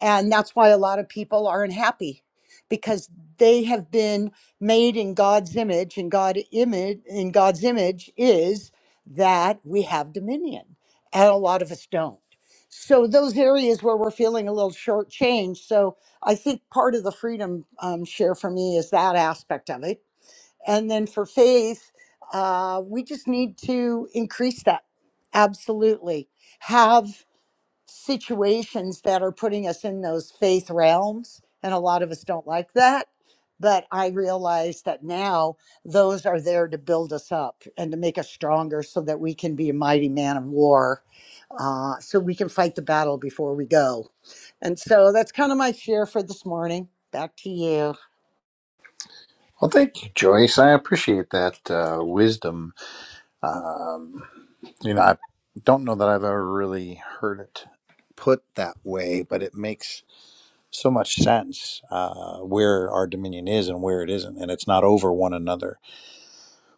Speaker 4: And that's why a lot of people aren't happy because they have been made in God's image and God image in God's image is that we have dominion and a lot of us don't. So those areas where we're feeling a little shortchanged. So I think part of the freedom um, share for me is that aspect of it. And then for faith, uh, we just need to increase that. Absolutely. Have situations that are putting us in those faith realms. And a lot of us don't like that. But I realize that now those are there to build us up and to make us stronger so that we can be a mighty man of war, uh, so we can fight the battle before we go. And so that's kind of my share for this morning. Back to you.
Speaker 1: Well, thank you, Joyce. I appreciate that uh, wisdom. Um, you know, I don't know that I've ever really heard it put that way, but it makes so much sense uh, where our dominion is and where it isn't, and it's not over one another,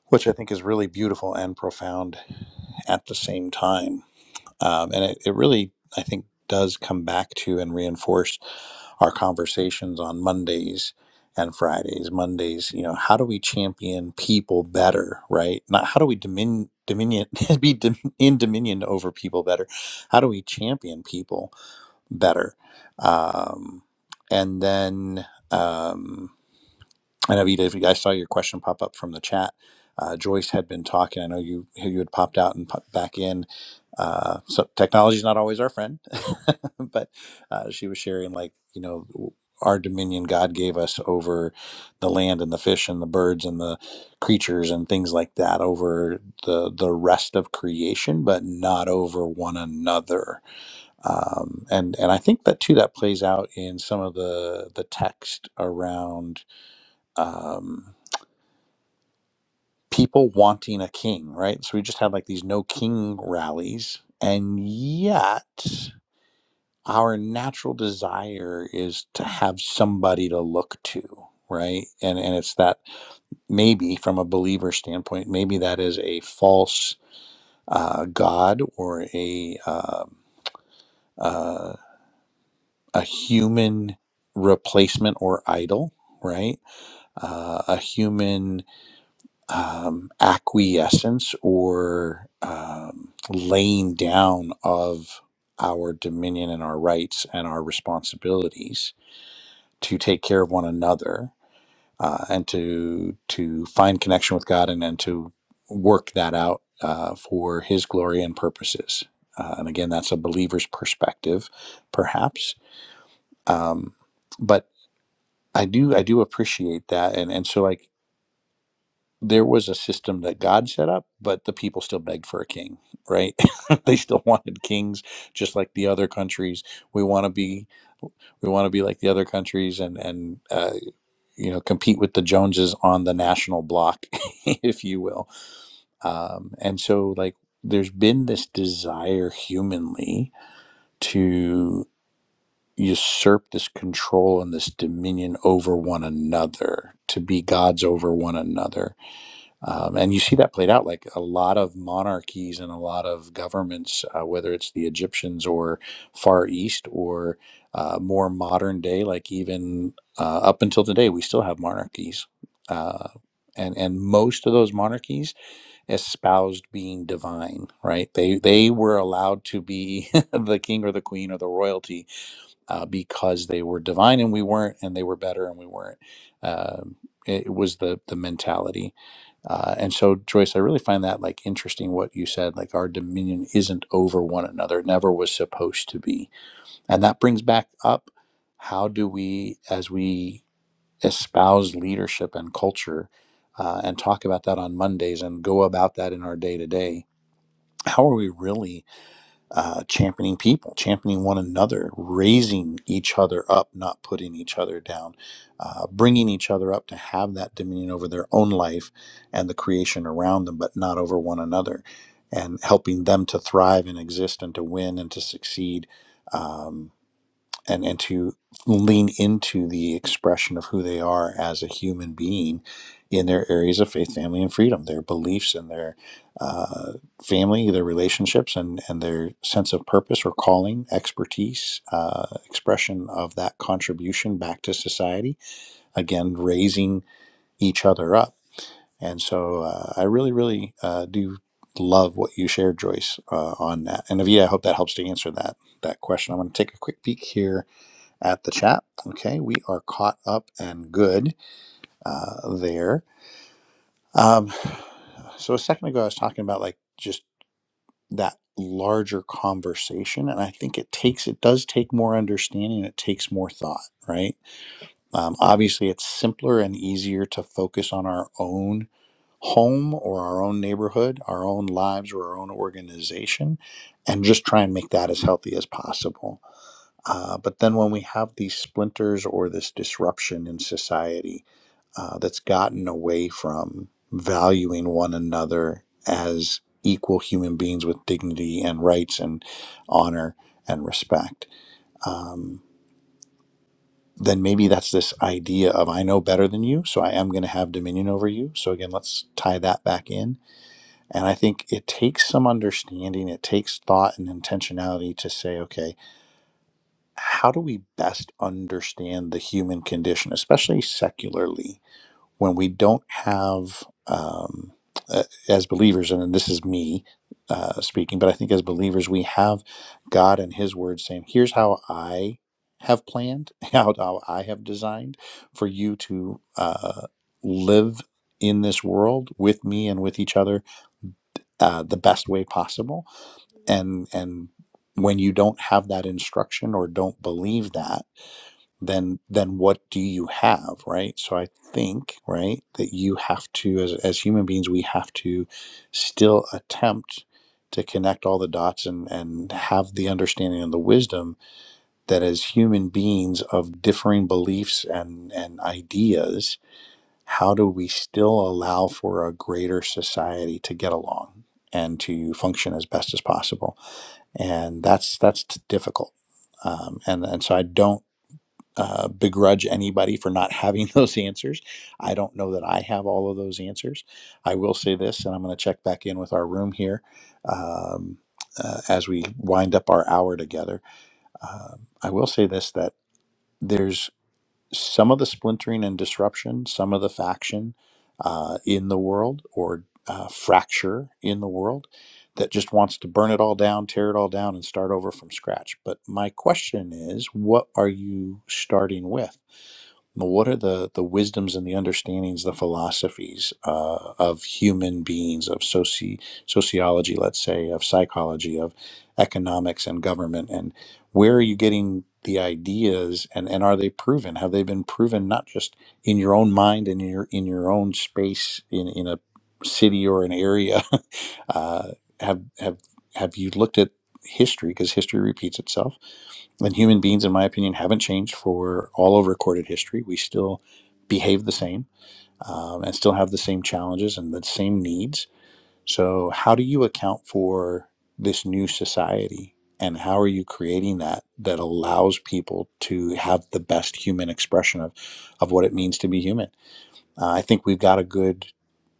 Speaker 1: which I think is really beautiful and profound at the same time. Um, and it, it really, I think, does come back to and reinforce our conversations on Mondays and Fridays. Mondays, you know, how do we champion people better, right? Not how do we domin- dominion <laughs> be dom- in dominion over people better. How do we champion people? better. Um, and then um, I know you did. I saw your question pop up from the chat. Uh, Joyce had been talking. I know you you had popped out and popped back in. Uh, so technology is not always our friend, <laughs> but uh, she was sharing like you know our dominion God gave us over the land and the fish and the birds and the creatures and things like that over the the rest of creation, but not over one another um, and and I think that too that plays out in some of the the text around um, people wanting a king, right? So we just had like these no king rallies, and yet our natural desire is to have somebody to look to, right? And and it's that maybe from a believer standpoint, maybe that is a false uh, god or a um, uh, a human replacement or idol, right? Uh, a human um, acquiescence or um, laying down of our dominion and our rights and our responsibilities to take care of one another uh, and to to find connection with God and, and to work that out uh, for His glory and purposes. Uh, and again, that's a believer's perspective, perhaps. Um, but I do I do appreciate that and and so like there was a system that God set up but the people still begged for a king right <laughs> they still wanted kings just like the other countries we want to be we want to be like the other countries and and uh, you know compete with the Joneses on the national block <laughs> if you will um, and so like there's been this desire humanly usurp this control and this dominion over one another to be gods over one another um, and you see that played out like a lot of monarchies and a lot of governments uh, whether it's the egyptians or far east or uh, more modern day like even uh, up until today we still have monarchies uh, and and most of those monarchies espoused being divine right they they were allowed to be <laughs> the king or the queen or the royalty uh, because they were divine and we weren't, and they were better and we weren't. Um it, was the the mentality, uh, and so Joyce, I really find that like interesting what you said. Like our dominion isn't over one another; never was supposed to be, and that brings back up how do we, as we espouse leadership and culture, uh, and talk about that on Mondays and go about that in our day to day. How are we really? uh, championing people, championing one another, raising each other up, not putting each other down, uh, bringing each other up to have that dominion over their own life and the creation around them, but not over one another, and helping them to thrive and exist and to win and to succeed. Um, and and to lean into the expression of who they are as a human being in their areas of faith, family, and freedom, their beliefs and their uh, family, their relationships, and and their sense of purpose or calling, expertise, uh, expression of that contribution back to society. Again, raising each other up, and so uh, I really, really uh, do love what you shared, Joyce, uh, on that. And Avia, I hope that helps to answer that that question. I'm going to take a quick peek here at the chat. Okay, we are caught up and good uh, there. Um, so a second ago, I was talking about like just that larger conversation, and I think it takes it does take more understanding. It takes more thought, right? Um, obviously, it's simpler and easier to focus on our own home or our own neighborhood, our own lives or our own organization, and just try and make that as healthy as possible Uh, but then when we have these splinters or this disruption in society uh, that's gotten away from valuing one another as equal human beings with dignity and rights and honor and respect, um, then maybe that's this idea of I know better than you, so I am going to have dominion over you. So again, let's tie that back in. And I think it takes some understanding, it takes thought and intentionality to say, okay, how do we best understand the human condition, especially secularly, when we don't have, um, uh, as believers, and this is me uh, speaking, but I think as believers, we have God and His Word saying, here's how I have planned, <laughs> how, how I have designed for you to uh, live in this world with me and with each other uh, the best way possible. And, and when you don't have that instruction or don't believe that, then then what do you have right so i think right that you have to as, as human beings we have to still attempt to connect all the dots and and have the understanding and the wisdom that as human beings of differing beliefs and and ideas how do we still allow for a greater society to get along and to function as best as possible and that's that's difficult um, and and so i don't uh, begrudge anybody for not <laughs> having those answers. I don't know that I have all of those answers. I will say this, and I'm going to check back in with our room here um, uh, as we wind up our hour together. Um, I will say this that there's some of the splintering and disruption, some of the faction uh, in the world or uh, fracture in the world that just wants to burn it all down, tear it all down, and start over from scratch. But my question is, what are you starting with? What are the, the wisdoms and the understandings, the philosophies uh, of human beings, of soci- sociology, let's say, of psychology, of economics and government? And where are you getting the ideas and, and are they proven? Have they been proven not just in your own mind and in your, in your own space in, in a city or an area? <laughs> uh, have, have, have you looked at history? Because history repeats itself and human beings, in my opinion, haven't changed for all of recorded history. We still behave the same um, and still have the same challenges and the same needs. So, how do you account for this new society? And how are you creating that that allows people to have the best human expression of, of what it means to be human? Uh, I think we've got a good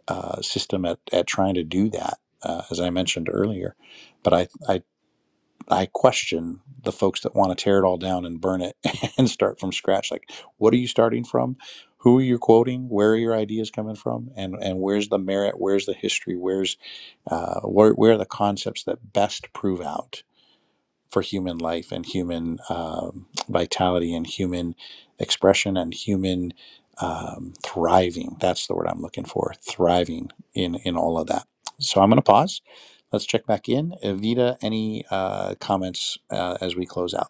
Speaker 1: uh, system at, at trying to do that, uh, as I mentioned earlier. But I, I I question the folks that want to tear it all down and burn it <laughs> and start from scratch. Like, what are you starting from? Who are you quoting? Where are your ideas coming from? And and where's the merit? Where's the history? Where's uh, where where are the concepts that best prove out? for human life and human um, vitality and human expression and human um, thriving. That's the word I'm looking for. Thriving in in all of that. So I'm going to pause. Let's check back in. Evita, any uh, comments uh, as we close out?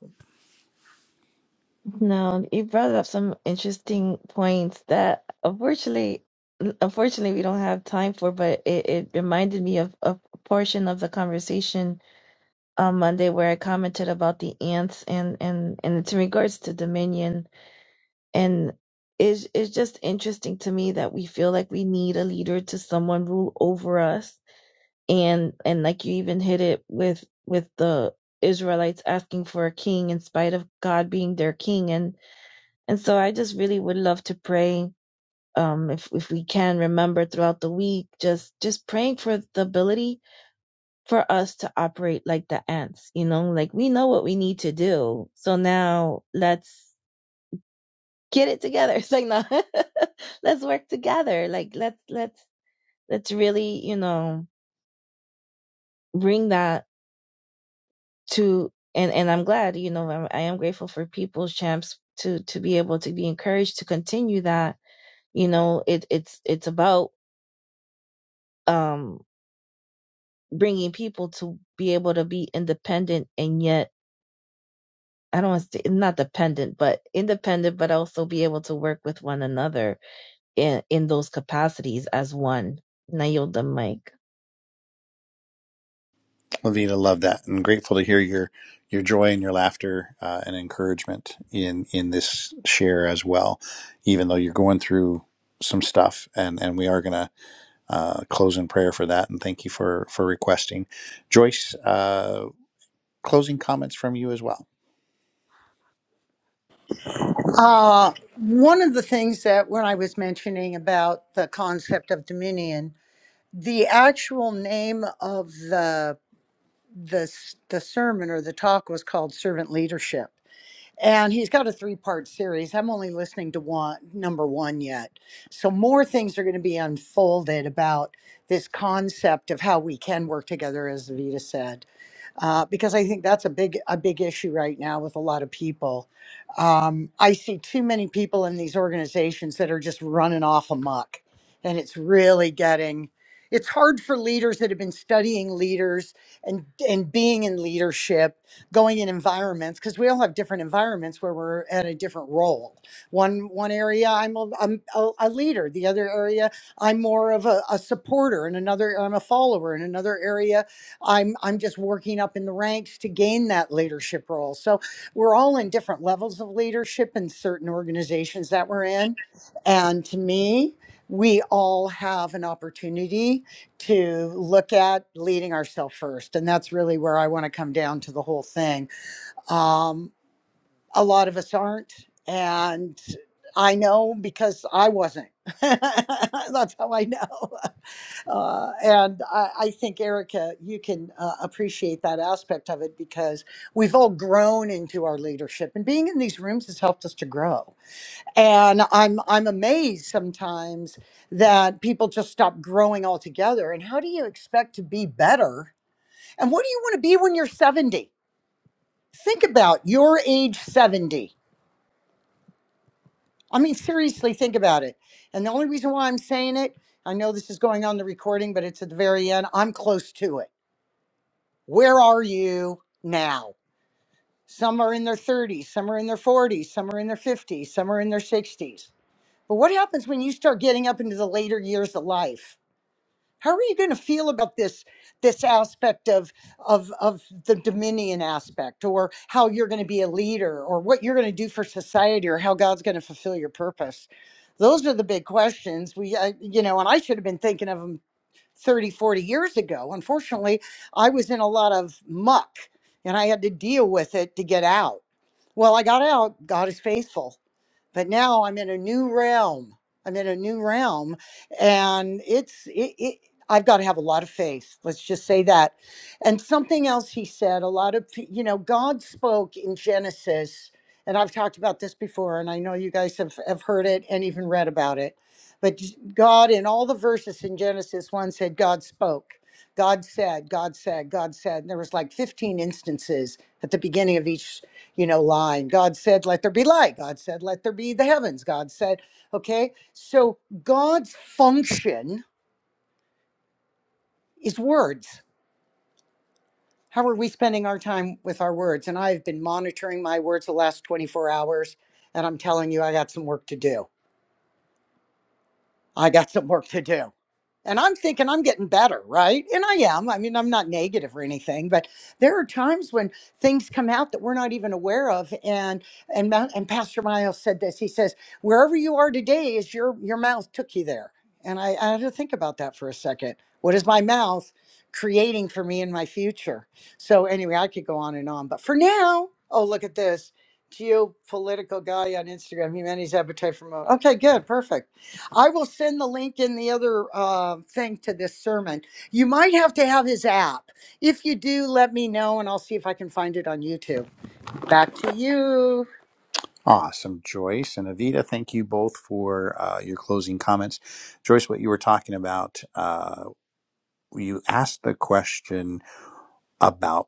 Speaker 2: No, you brought up some interesting points that unfortunately, unfortunately, we don't have time for, but it, it reminded me of, of a portion of the conversation on Monday where I commented about the ants and and and it's in regards to dominion and it's it's just interesting to me that we feel like we need a leader to someone rule over us and and like you even hit it with with the Israelites asking for a king in spite of God being their king and. And so I just really would love to pray um if if we can remember throughout the week just just praying for the ability for us to operate like the ants, you know, like we know what we need to do. So now let's get it together. <laughs> It's like no <laughs> let's work together. Like let's let's let's really, you know, bring that to and and I'm glad, you know, I'm, I am grateful for people's champs to to be able to be encouraged to continue that. You know, it it's it's about um bringing people to be able to be independent and yet I don't want to say not dependent, but independent, but also be able to work with one another in in those capacities as one. And I yield the mic.
Speaker 1: Evita, love that. I'm grateful to hear your your joy and your laughter uh, and encouragement in in this share as well. Even though you're going through some stuff, and and we are gonna uh, close in prayer for that and thank you for for requesting joyce uh, closing comments from you as well
Speaker 4: Uh, one of the things that when I was mentioning about the concept of dominion, the actual name of the the s- the sermon or the talk was called servant leadership, and he's got a three part series i'm only listening to one number one yet so more things are going to be unfolded about this concept of how we can work together as vita said uh, because i think that's a big a big issue right now with a lot of people um, i see too many people in these organizations that are just running off amok and it's really getting it's hard for leaders that have been studying leaders and and being in leadership going in environments because we all have different environments where we're at a different role. One one area I'm a, I'm a, a leader, the other area I'm more of a, a supporter, In another I'm a follower, in another area I'm I'm just working up in the ranks to gain that leadership role. So we're all in different levels of leadership in certain organizations that we're in, and to me, we all have an opportunity to look at leading ourselves first. And that's really where I want to come down to the whole thing. Um, a lot of us aren't. And I know because I wasn't. <laughs> that's how I know. <laughs> Uh, and I, I think, Erica, you can uh, appreciate that aspect of it because we've all grown into our leadership. And being in these rooms has helped us to grow and i'm i'm amazed sometimes that people just stop growing altogether and how do you expect to be better and what do you want to be when you're 70 think about your age 70 i mean seriously think about it and the only reason why i'm saying it i know this is going on the recording but it's at the very end i'm close to it where are you now some are in their 30s some are in their 40s some are in their 50s some are in their 60s but what happens when you start getting up into the later years of life How are you going to feel about this this aspect of of of the dominion aspect, or how you're going to be a leader, or what you're going to do for society, or how God's going to fulfill your purpose? Those are the big questions. We, I, you know, and I should have been thinking of them 30, 40 years ago. Unfortunately, I was in a lot of muck, and I had to deal with it to get out. Well, I got out. God is faithful but now I'm in a new realm. I'm in a new realm, and it's it. it I've got to have a lot of faith. Let's just say that. And something else he said, a lot of, pe- you know, God spoke in Genesis, and I've talked about this before, and I know you guys have, have heard it and even read about it. But j- God, in all the verses in Genesis 1, said, God spoke. God said, God said, God said. And there was like 15 instances at the beginning of each you know, line. God said, let there be light. God said, let there be the heavens. God said, okay. So God's function is words. How are we spending our time with our words? And I've been monitoring my words the last 24 hours, and I'm telling you, I got some work to do I got some work to do. And I'm thinking I'm getting better, right? And I am. I mean, I'm not negative or anything, but there are times when things come out that we're not even aware of. And and Mount- and Pastor Miles said this. He says, "Wherever you are today is your your mouth took you there." And I, I had to think about that for a second. What is my mouth creating for me in my future? So anyway, I could go on and on, but for now, oh look at this geopolitical guy on Instagram, humanity's appetite for mode. Okay, good, perfect. I will send the link in the other uh, thing to this sermon. You might have to have his app. If you do, let me know and I'll see if I can find it on YouTube. Back to you.
Speaker 1: awesome joyce and avita thank you both for uh, your closing comments joyce what you were talking about uh, you asked the question about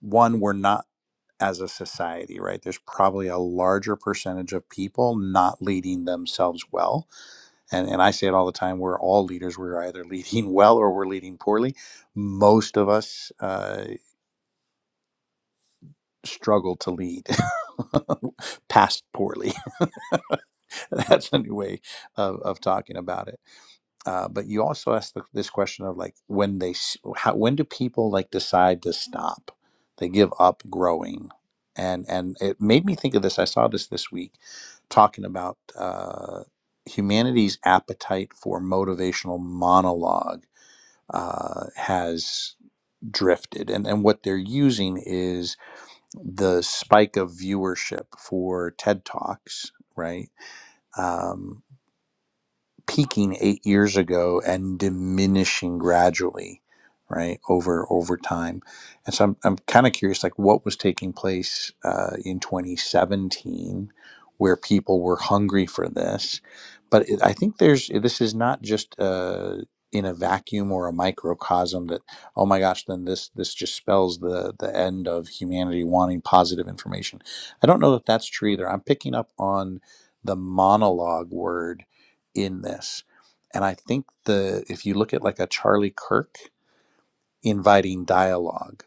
Speaker 1: one we're not as a society right there's probably a larger percentage of people not leading themselves well and, and I say it all the time, we're all leaders. We're either leading <laughs> well or we're leading poorly. Most of us uh, struggle to lead <laughs> past poorly. <laughs> That's a new way of, of talking about it. Uh, but you also asked the, this question of like when they, s- how, when do people like decide to stop? They give up growing. And, and it made me think of this. I saw this this week talking about uh, humanity's appetite for motivational monologue uh, has drifted. And, and what they're using is the spike of viewership for TED Talks, right? Um, peaking eight years ago and diminishing gradually, right over over time. And so I'm I'm kind of curious, like what was taking place uh, in 2017, where people were hungry for this. But it, I think there's this is not just uh, in a vacuum or a microcosm that oh my gosh, then this this just spells the the end of humanity wanting positive information. I don't know that that's true either. I'm picking up on the monologue word in this. And I think the if you look at like a Charlie Kirk inviting dialogue,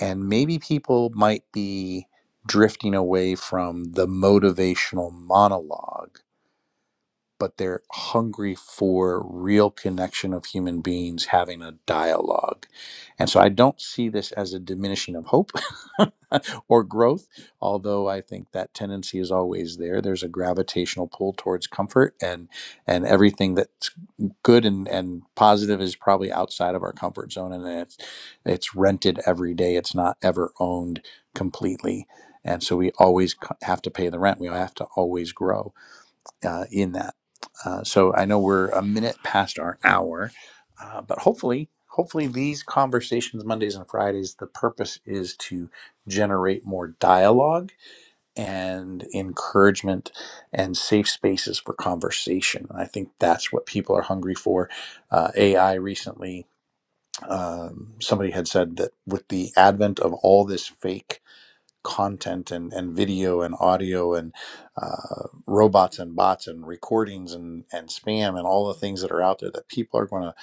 Speaker 1: and maybe people might be drifting away from the motivational monologue but they're hungry for real connection of human beings having a dialogue. And so I don't see this as a diminishing of hope <laughs> or growth, although I think that tendency is always there. There's a gravitational pull towards comfort and and everything that's good and, and positive is probably outside of our comfort zone and it's it's rented every day. It's not ever owned completely. And so we always c- have to pay the rent. We have to always grow uh, in that. Uh, so I know we're a minute past our hour, uh, but hopefully, hopefully these conversations Mondays and Fridays, the purpose is to generate more dialogue and encouragement and safe spaces for conversation. And I think that's what people are hungry for. Uh, AI recently, um, somebody had said that with the advent of all this fake content and, and video and audio and uh, robots and bots and recordings and, and spam and all the things that are out there that people are going to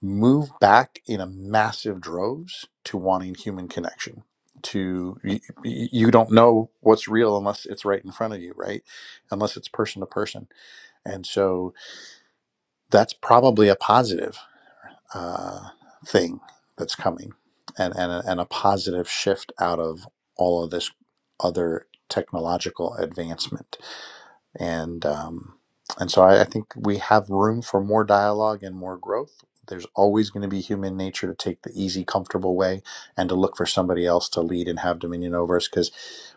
Speaker 1: move back in a massive droves to wanting human connection to you, you don't know what's real unless it's right in front of you right unless it's person to person and so that's probably a positive uh, thing that's coming and, and, a, and a positive shift out of all of this other technological advancement. And, um, and so I, I think we have room for more dialogue and more growth. There's always going to be human nature to take the easy, comfortable way and to look for somebody else to lead and have dominion over us because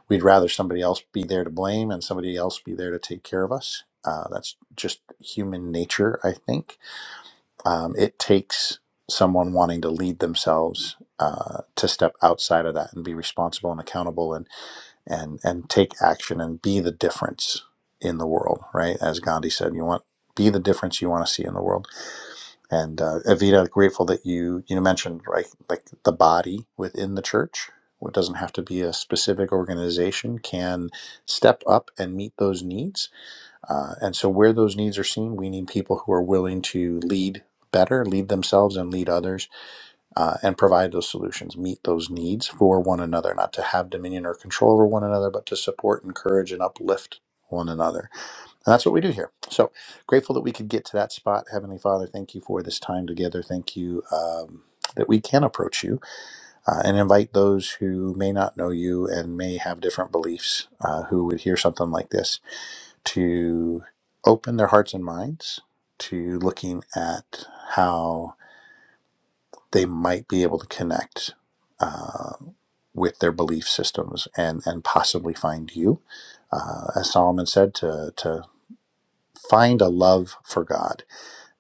Speaker 1: we'd rather somebody else be there to blame and somebody else be there to take care of us. Uh, that's just human nature, I think um, it takes someone wanting to lead themselves uh, to step outside of that and be responsible and accountable and and and take action and be the difference in the world. Right, as Gandhi said, you want be the difference you want to see in the world. And uh, Evita, grateful that you you mentioned right like the body within the church. It doesn't have to be a specific organization. Can step up and meet those needs uh, and so, where those needs are seen, we need people who are willing to lead better, lead themselves and lead others, uh, and provide those solutions, meet those needs for one another, not to have dominion or control over one another, but to support, encourage, and uplift one another. And that's what we do here. So, grateful that we could get to that spot. Heavenly Father, thank you for this time together. Thank you. Um, that we can approach you uh, and invite those who may not know you and may have different beliefs uh, who would hear something like this to open their hearts and minds to looking at how they might be able to connect uh, with their belief systems and, and possibly find you. Uh, as Solomon said, to, to find a love for God,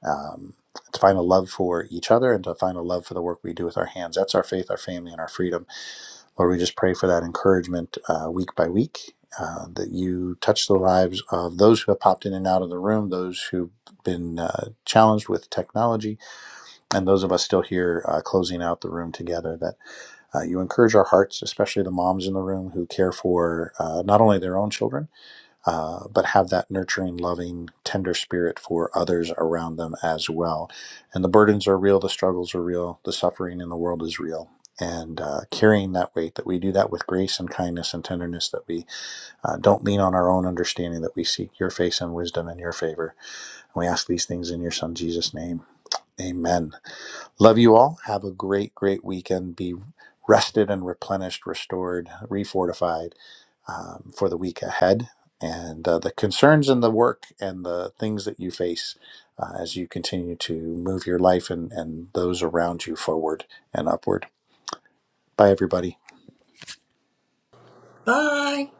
Speaker 1: um, to find a love for each other, and to find a love for the work we do with our hands. That's our faith, our family, and our freedom Lord, we just pray for that encouragement uh, week by week, uh, that you touch the lives of those who have popped in and out of the room, those who've been uh, challenged with technology, and those of us still here uh, closing out the room together, that uh, you encourage our hearts, especially the moms in the room who care for uh, not only their own children uh, but have that nurturing, loving, tender spirit for others around them as well. And the burdens are real, the struggles are real, the suffering in the world is real. And uh, carrying that weight, that we do that with grace and kindness and tenderness, that we uh, don't lean on our own understanding, that we seek your face and wisdom and your favor. And we ask these things in your Son, Jesus' name. Amen. Love you all. Have a great, great weekend. Be rested and replenished, restored, refortified um, for the week ahead. And uh, the concerns and the work and the things that you face uh, as you continue to move your life and, and those around you forward and upward. Bye, everybody.
Speaker 4: Bye.